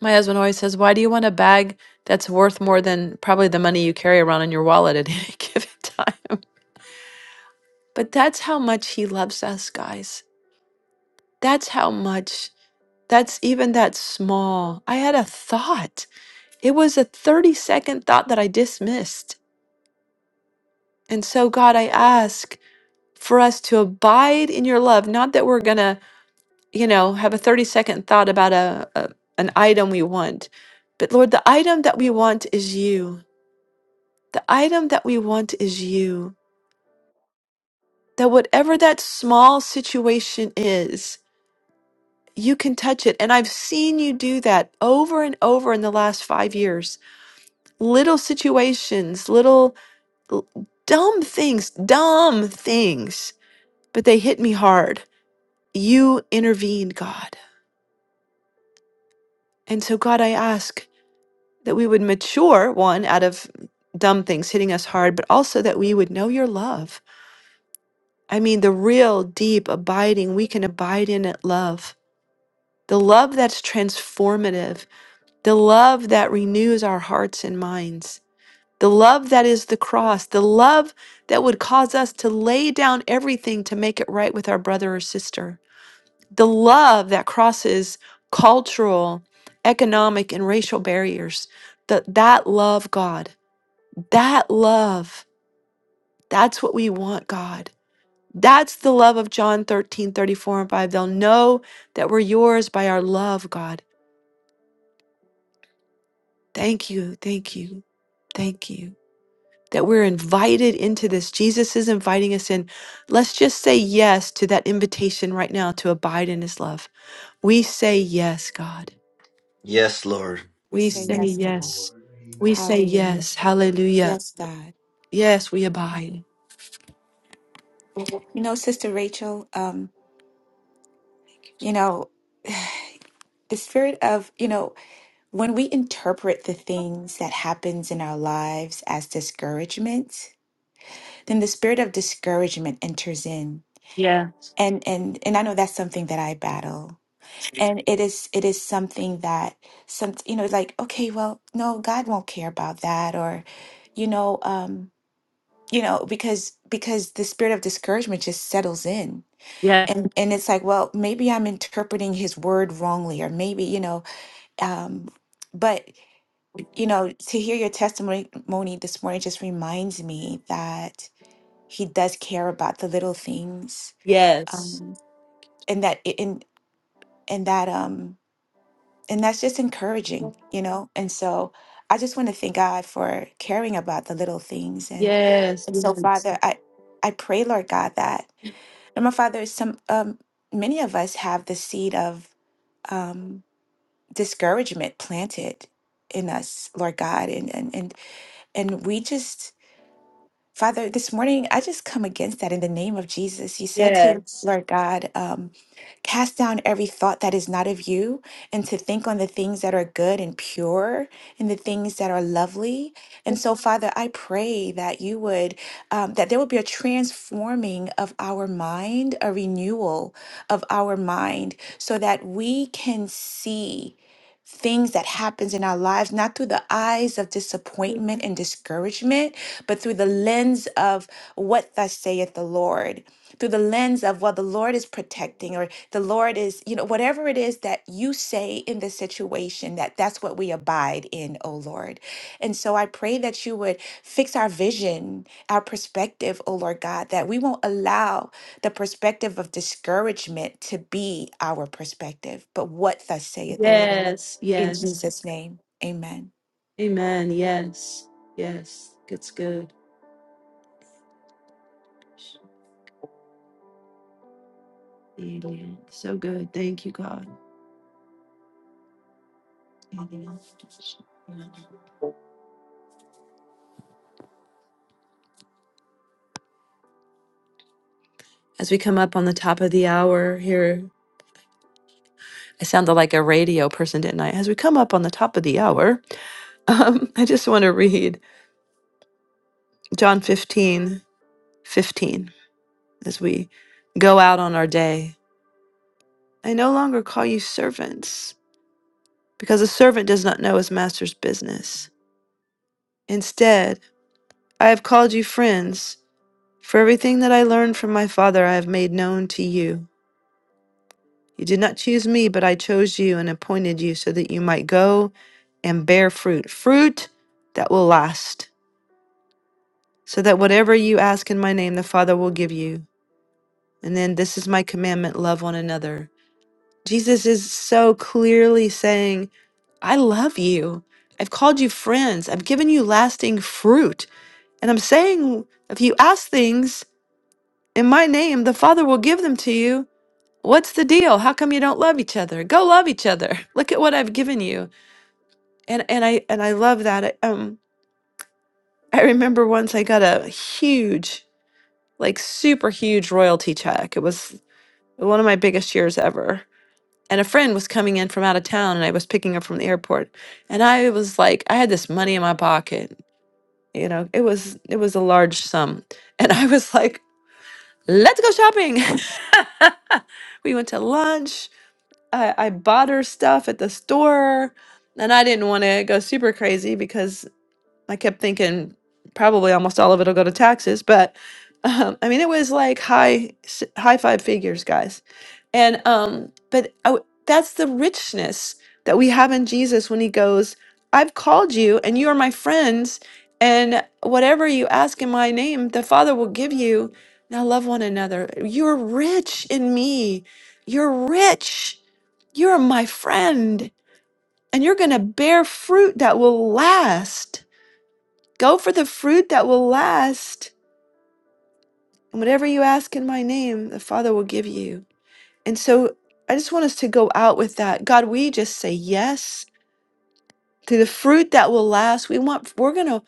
Speaker 1: My husband always says, why do you want a bag that's worth more than probably the money you carry around in your wallet at any given time? But that's how much he loves us, guys. That's how much. That's even that small. I had a thought. It was a 30 second thought that I dismissed And so, God, I ask for us to abide in your love, not that we're going to, you know, have a 30 second thought about a, a an item we want. But Lord, the item that we want is you. The item that we want is you. That whatever that small situation is, you can touch it. And I've seen you do that over and over in the last five years. Little situations, little l- dumb things, dumb things, but they hit me hard you intervened, God. And so, God, I ask that we would mature, one, out of dumb things hitting us hard, but also that we would know your love. I mean, the real, deep, abiding, we can abide in it love. The love that's transformative, the love that renews our hearts and minds, the love that is the cross, the love that would cause us to lay down everything to make it right with our brother or sister the love that crosses cultural, economic, and racial barriers. That that love, God, that love, that's what we want, God. That's the love of John 13 34 and 5. They'll know that we're yours by our love, God. Thank you, thank you, thank you. That we're invited into this. Jesus is inviting us in. Let's just say yes to that invitation right now to abide in his love. We say yes, God.
Speaker 8: Yes, Lord.
Speaker 6: We
Speaker 1: We
Speaker 6: say
Speaker 1: say
Speaker 2: Amen.
Speaker 6: yes,
Speaker 2: Yes,
Speaker 6: God.
Speaker 1: yes.
Speaker 2: Lord. Amen.
Speaker 1: We say
Speaker 6: Hallelujah.
Speaker 1: yes. Hallelujah.
Speaker 6: Yes, God.
Speaker 1: Yes, we abide.
Speaker 6: You know, Sister Rachel, um, you know, the spirit of, you know, when we interpret the things that happens in our lives as discouragement, then the spirit of discouragement enters in.
Speaker 1: Yeah.
Speaker 6: And and and I know that's something that I battle and it is it is something that some you know like okay well no god won't care about that or you know um you know because because the spirit of discouragement just settles in
Speaker 1: Yeah.
Speaker 6: and and it's like well maybe i'm interpreting his word wrongly or maybe you know um but you know to hear your testimony Moni, this morning just reminds me that he does care about the little things
Speaker 1: Yes.
Speaker 6: um and that and and that um and that's just encouraging, you know. And so I just want to thank God for caring about the little things, and
Speaker 1: Yes.
Speaker 6: and so
Speaker 1: Yes.
Speaker 6: Father, I I pray, Lord God, that and my Father, some um many of us have the seed of um discouragement planted in us, Lord God, and and and and we just Father, this morning I just come against that in the name of Jesus. You said to Lord God, um, cast down every thought that is not of you and to think on the things that are good and pure and the things that are lovely. And so, Father, I pray that you would, um, that there would be a transforming of our mind, a renewal of our mind, so that we can see things that happens in our lives not through the eyes of disappointment and discouragement but through the lens of what thus saith the lord through the lens of well the lord is protecting or the lord is you know whatever it is that you say in the situation that that's what we abide in O lord and so i pray that you would fix our vision our perspective O lord god that we won't allow the perspective of discouragement to be our perspective but what thus saith the lord
Speaker 1: Yes.
Speaker 6: in
Speaker 1: Yes.
Speaker 6: Jesus' name, amen.
Speaker 1: Amen. Yes. Yes. It's good. Amen. So good. Thank you, God. Amen. As we come up on the top of the hour here, I sounded like a radio person, didn't I? As we come up on the top of the hour, um, I just want to read John 15, 15. as we go out on our day. I no longer call you servants, because a servant does not know his master's business. Instead, I have called you friends, for everything that I learned from my Father I have made known to you. You did not choose me, but I chose you and appointed you so that you might go and bear fruit, fruit that will last, so that whatever you ask in my name, the Father will give you. And then this is my commandment love one another. Jesus is so clearly saying, I love you. I've called you friends. I've given you lasting fruit. And I'm saying, if you ask things in my name, the Father will give them to you. What's the deal? How come you don't love each other? Go love each other. Look at what I've given you. And and I and I love that. I, um I remember once I got a huge, like super huge royalty check. It was one of my biggest years ever. and a friend was coming in from out of town and I was picking her from the airport and I was like I had this money in my pocket you know it was it was a large sum and I was like let's go shopping we went to lunch I, I bought her stuff at the store and I didn't want to go super crazy because. I kept thinking probably almost all of it'll go to taxes, but um, I mean, it was like high s- high five figures, guys. And um, but I w that's the richness that we have in Jesus when He goes, "I've called you, and you are my friends, and whatever you ask in my name, the Father will give you." Now love one another. You're rich in me. You're rich. You're my friend, and you're going to bear fruit that will last. Go for the fruit that will last. And whatever you ask in my name, the Father will give you. And so I just want us to go out with that. God, we just say yes to the fruit that will last. We want, we're going to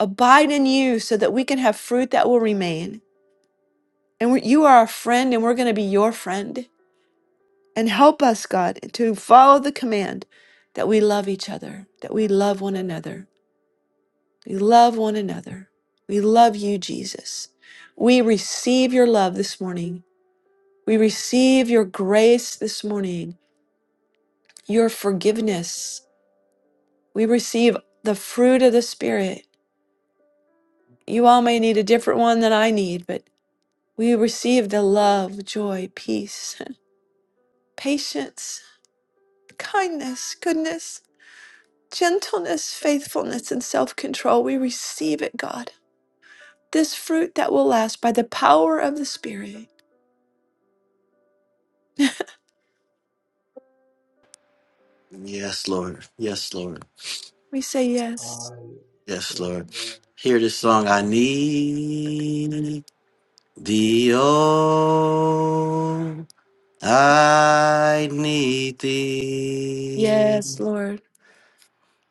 Speaker 1: abide in you so that we can have fruit that will remain. And we, you are our friend, and we're going to be your friend. And help us, God, to follow the command that we love each other, that we love one another. We love one another. We love you, Jesus. We receive your love this morning. We receive your grace this morning, your forgiveness. We receive the fruit of the Spirit. You all may need a different one than I need, but we receive the love, joy, peace, patience, kindness, goodness, gentleness, faithfulness, and self control. We receive it, God. This fruit that will last by the power of the Spirit.
Speaker 8: Yes, Lord. Yes, Lord.
Speaker 1: We say yes.
Speaker 2: Hallelujah.
Speaker 8: Yes,
Speaker 2: Glory
Speaker 8: Lord.
Speaker 2: to God.
Speaker 8: Hear this
Speaker 2: Amen.
Speaker 8: song. I need thee, oh, I need thee
Speaker 1: Yes, Lord.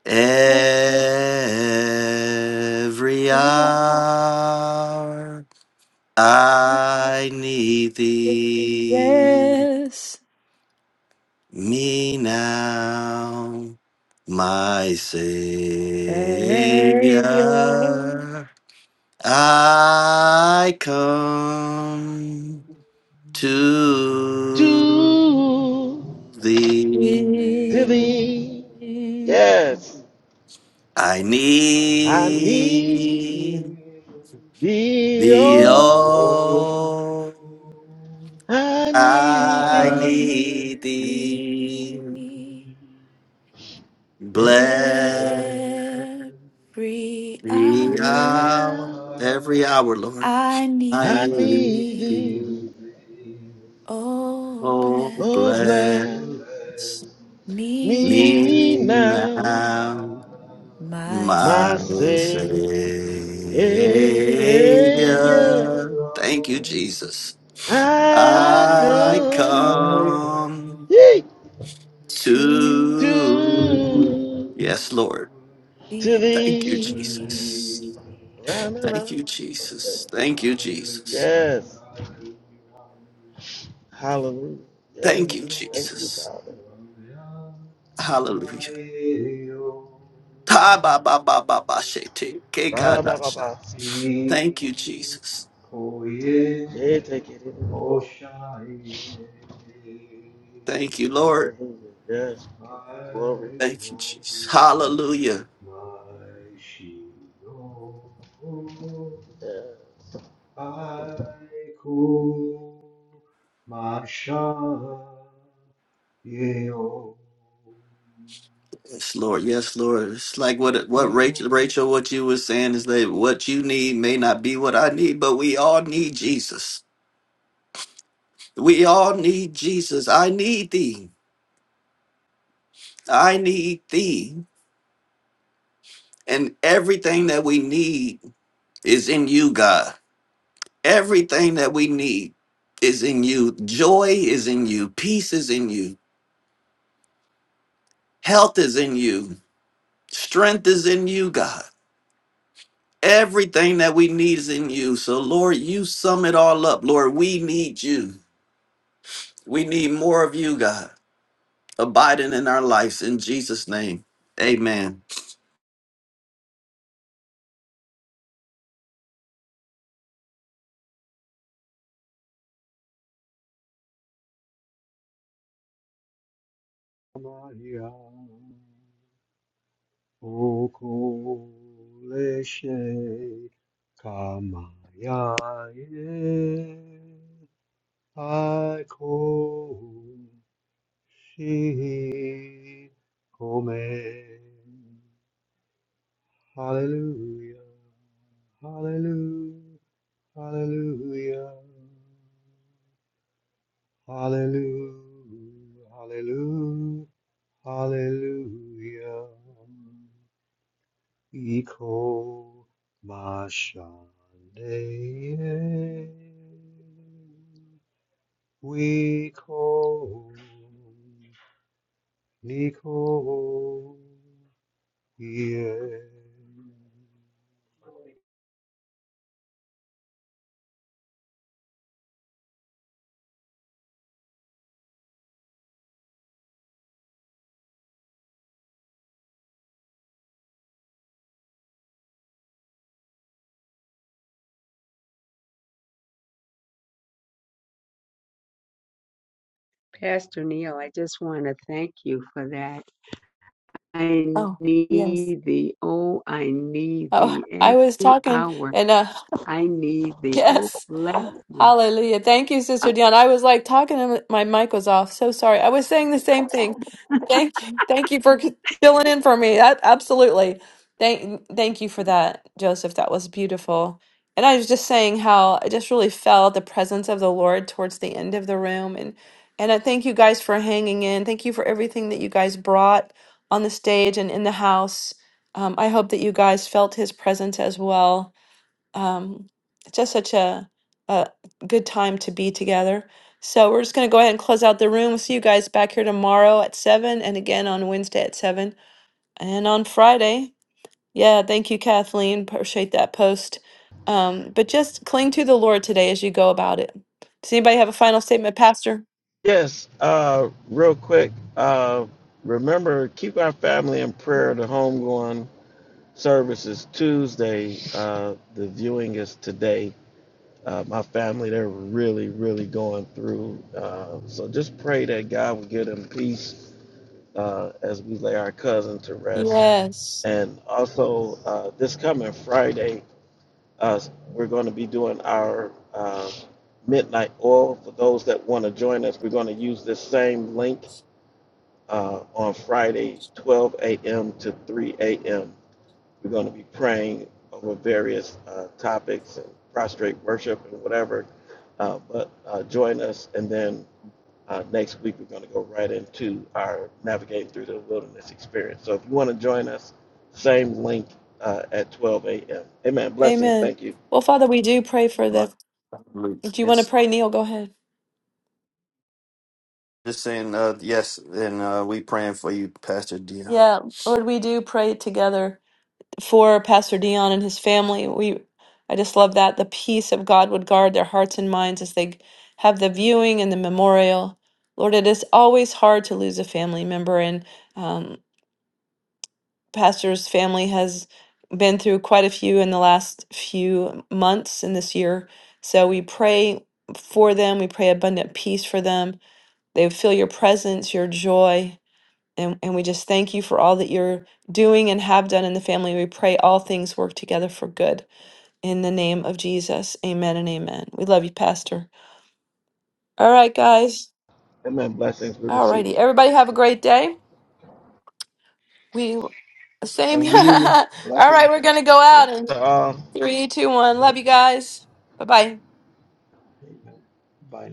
Speaker 8: every hour. I need thee,
Speaker 1: Yes.
Speaker 8: me now, my
Speaker 1: Savior.
Speaker 8: Savior. I come
Speaker 2: I
Speaker 8: to
Speaker 4: do.
Speaker 2: need
Speaker 8: thee.
Speaker 4: to thee. Yes,
Speaker 8: I
Speaker 4: I need
Speaker 8: need
Speaker 4: thee.
Speaker 8: thee,
Speaker 2: thee,
Speaker 4: Oh,
Speaker 8: oh,
Speaker 4: I need
Speaker 8: I
Speaker 4: thee.
Speaker 6: Will
Speaker 8: need thee.
Speaker 6: Be
Speaker 4: Every
Speaker 8: Bless
Speaker 6: every hour
Speaker 8: the hour,
Speaker 4: hour
Speaker 8: every hour, Lord.
Speaker 6: I
Speaker 8: I
Speaker 4: I
Speaker 6: need
Speaker 8: need
Speaker 4: need
Speaker 6: thee,
Speaker 4: thee.
Speaker 8: you.
Speaker 6: oh
Speaker 8: Oh,
Speaker 4: Oh,
Speaker 2: oh
Speaker 6: bless
Speaker 4: bless
Speaker 8: bless
Speaker 2: bless.
Speaker 6: me
Speaker 8: me
Speaker 6: now,
Speaker 4: me
Speaker 2: Be
Speaker 4: now,
Speaker 8: now,
Speaker 2: now
Speaker 6: my
Speaker 4: my
Speaker 8: my
Speaker 2: my
Speaker 6: Savior.
Speaker 4: Savior.
Speaker 2: Savior,
Speaker 8: Savior. Thank you, Jesus.
Speaker 4: I
Speaker 8: I
Speaker 6: I
Speaker 4: come
Speaker 2: I
Speaker 6: come
Speaker 8: come
Speaker 4: yea,
Speaker 2: come
Speaker 6: to
Speaker 8: to.
Speaker 2: to,
Speaker 4: to,
Speaker 8: Yes, Lord.
Speaker 4: to
Speaker 8: Thank you,
Speaker 2: to
Speaker 4: thee.
Speaker 2: thee.
Speaker 8: Jesus.
Speaker 6: thee.
Speaker 4: Yeah, no, no,
Speaker 8: Thank
Speaker 4: no,
Speaker 8: you,
Speaker 4: no.
Speaker 8: Jesus. Thank you, Jesus.
Speaker 2: Hallelujah,
Speaker 4: Yes.
Speaker 2: hallelujah.
Speaker 4: Hallelujah. Yes.
Speaker 8: Thank you,
Speaker 4: Thank you,
Speaker 2: Nikomaya
Speaker 8: Jesus.
Speaker 4: Father.
Speaker 8: Hallelujah. Ta ba ba ba ba ba shete. Ke ka
Speaker 4: Ra ba
Speaker 8: da
Speaker 4: ba
Speaker 8: sha.
Speaker 4: ba. si, take
Speaker 8: Thank
Speaker 4: it
Speaker 8: you,
Speaker 4: out.
Speaker 2: Mikoye
Speaker 8: Jesus.
Speaker 4: Yeah, take it in.
Speaker 2: Moshaye
Speaker 8: Thank you, Lord.
Speaker 4: Hallelujah. Yes. Give you glory.
Speaker 2: I
Speaker 8: Thank you,
Speaker 2: want
Speaker 8: Jesus. Hallelujah.
Speaker 2: my Shiloh
Speaker 4: Yes.
Speaker 2: I could Mashaye
Speaker 8: Yes, Lord. Yes, Lord. It's like what what
Speaker 2: Ito
Speaker 8: Rachel, Rachel, what you were saying is that what you need may not be what I need, but we all need Jesus. We all need Jesus. I need thee. I need thee. And everything that we need is in you, God. Everything that we need is in you. Joy is in you. Peace is in you. Health is in you. Strength is in you, God. Everything that we need is in you. So, Lord, you sum it all up. Lord, we need you. We need more of you, God, abiding in our lives. In Jesus' name, amen.
Speaker 2: Maya Okoleshe kamayae aikoshi kome. Hallelujah, hallelujah, hallelujah, hallelujah, hallelujah, hallelujah. Iko mashane wiko niko ye.
Speaker 7: Pastor Neil, I just want to thank you for that. I
Speaker 1: Oh, yes.
Speaker 7: need thee. Oh, I need
Speaker 1: Oh,
Speaker 7: thee
Speaker 1: I was
Speaker 7: every
Speaker 1: talking
Speaker 7: hour.
Speaker 1: and uh,
Speaker 7: I need thee. Oh,
Speaker 1: Yes.
Speaker 7: bless me.
Speaker 1: Hallelujah. Thank you, Sister Dion. I was like talking and my mic was off. So sorry. I was saying the same thing. Thank you. Thank you for filling in for me. A- absolutely. Thank thank you for that, Joseph. That was beautiful. And I was just saying how I just really felt the presence of the Lord towards the end of the room. And and I thank you guys for hanging in. Thank you for everything that you guys brought on the stage and in the house. Um, I hope that you guys felt his presence as well um, it's just such a, a good time to be together. So we're just going to go ahead and close out the room. We'll see you guys back here tomorrow at 7 and again on Wednesday at 7 and on Friday. Yeah, thank you, Kathleen. Appreciate that post. Um, but just cling to the Lord today as you go about it. Does anybody have a final statement, Pastor?
Speaker 4: Yes. Uh, real quick. Uh, remember, keep our family in prayer. The homegoing service is Tuesday. Uh, the viewing is today. Uh, my family, they're really, really going through. Uh, so just pray that God will give them peace uh, as we lay our cousin to rest.
Speaker 1: Yes.
Speaker 4: And also, uh, this coming Friday, uh, we're going to be doing our uh, midnight oil. For those that want to join us, we're going to use this same link uh, on Friday, 12 a.m. to 3 a.m. We're going to be praying over various uh, topics and prostrate worship and whatever. Uh, but uh, join us, and then uh, next week, we're going to go right into our navigating through the wilderness experience. So if you want to join us, same link uh, at 12 a.m. Amen. Blessings.
Speaker 1: Amen.
Speaker 4: Thank you.
Speaker 1: Well, Father, we do pray for the.
Speaker 8: Luke.
Speaker 1: Do you want to
Speaker 8: Yes. Lord.
Speaker 1: pray, Neil? Go ahead.
Speaker 8: Just saying, uh, yes, and uh, we praying for you, Pastor Dion.
Speaker 1: Yeah, Lord, we do pray together for Pastor Dion and his family. We, I just love that the peace of God would guard their hearts and minds as they have the viewing and the memorial. Lord, it is always hard to lose a family member, and um, Pastor's family has been through quite a few in the last few months in this year. So we pray for them. We pray abundant peace for them. They feel your presence, your joy. And, and we just thank you for all that you're doing and have done in the family. We pray all things work together for good. In the name of Jesus, amen and amen. We love you, Pastor. All right, guys.
Speaker 4: Amen. Blessings. We
Speaker 1: All
Speaker 4: receive
Speaker 1: righty.
Speaker 4: it.
Speaker 1: Everybody have a great day. We same.
Speaker 2: Same to you.
Speaker 1: all right,
Speaker 2: Blessings.
Speaker 1: we're going to go out in
Speaker 4: So, Um,
Speaker 1: three, two, one. Love you guys. Bye bye.
Speaker 2: Bye now.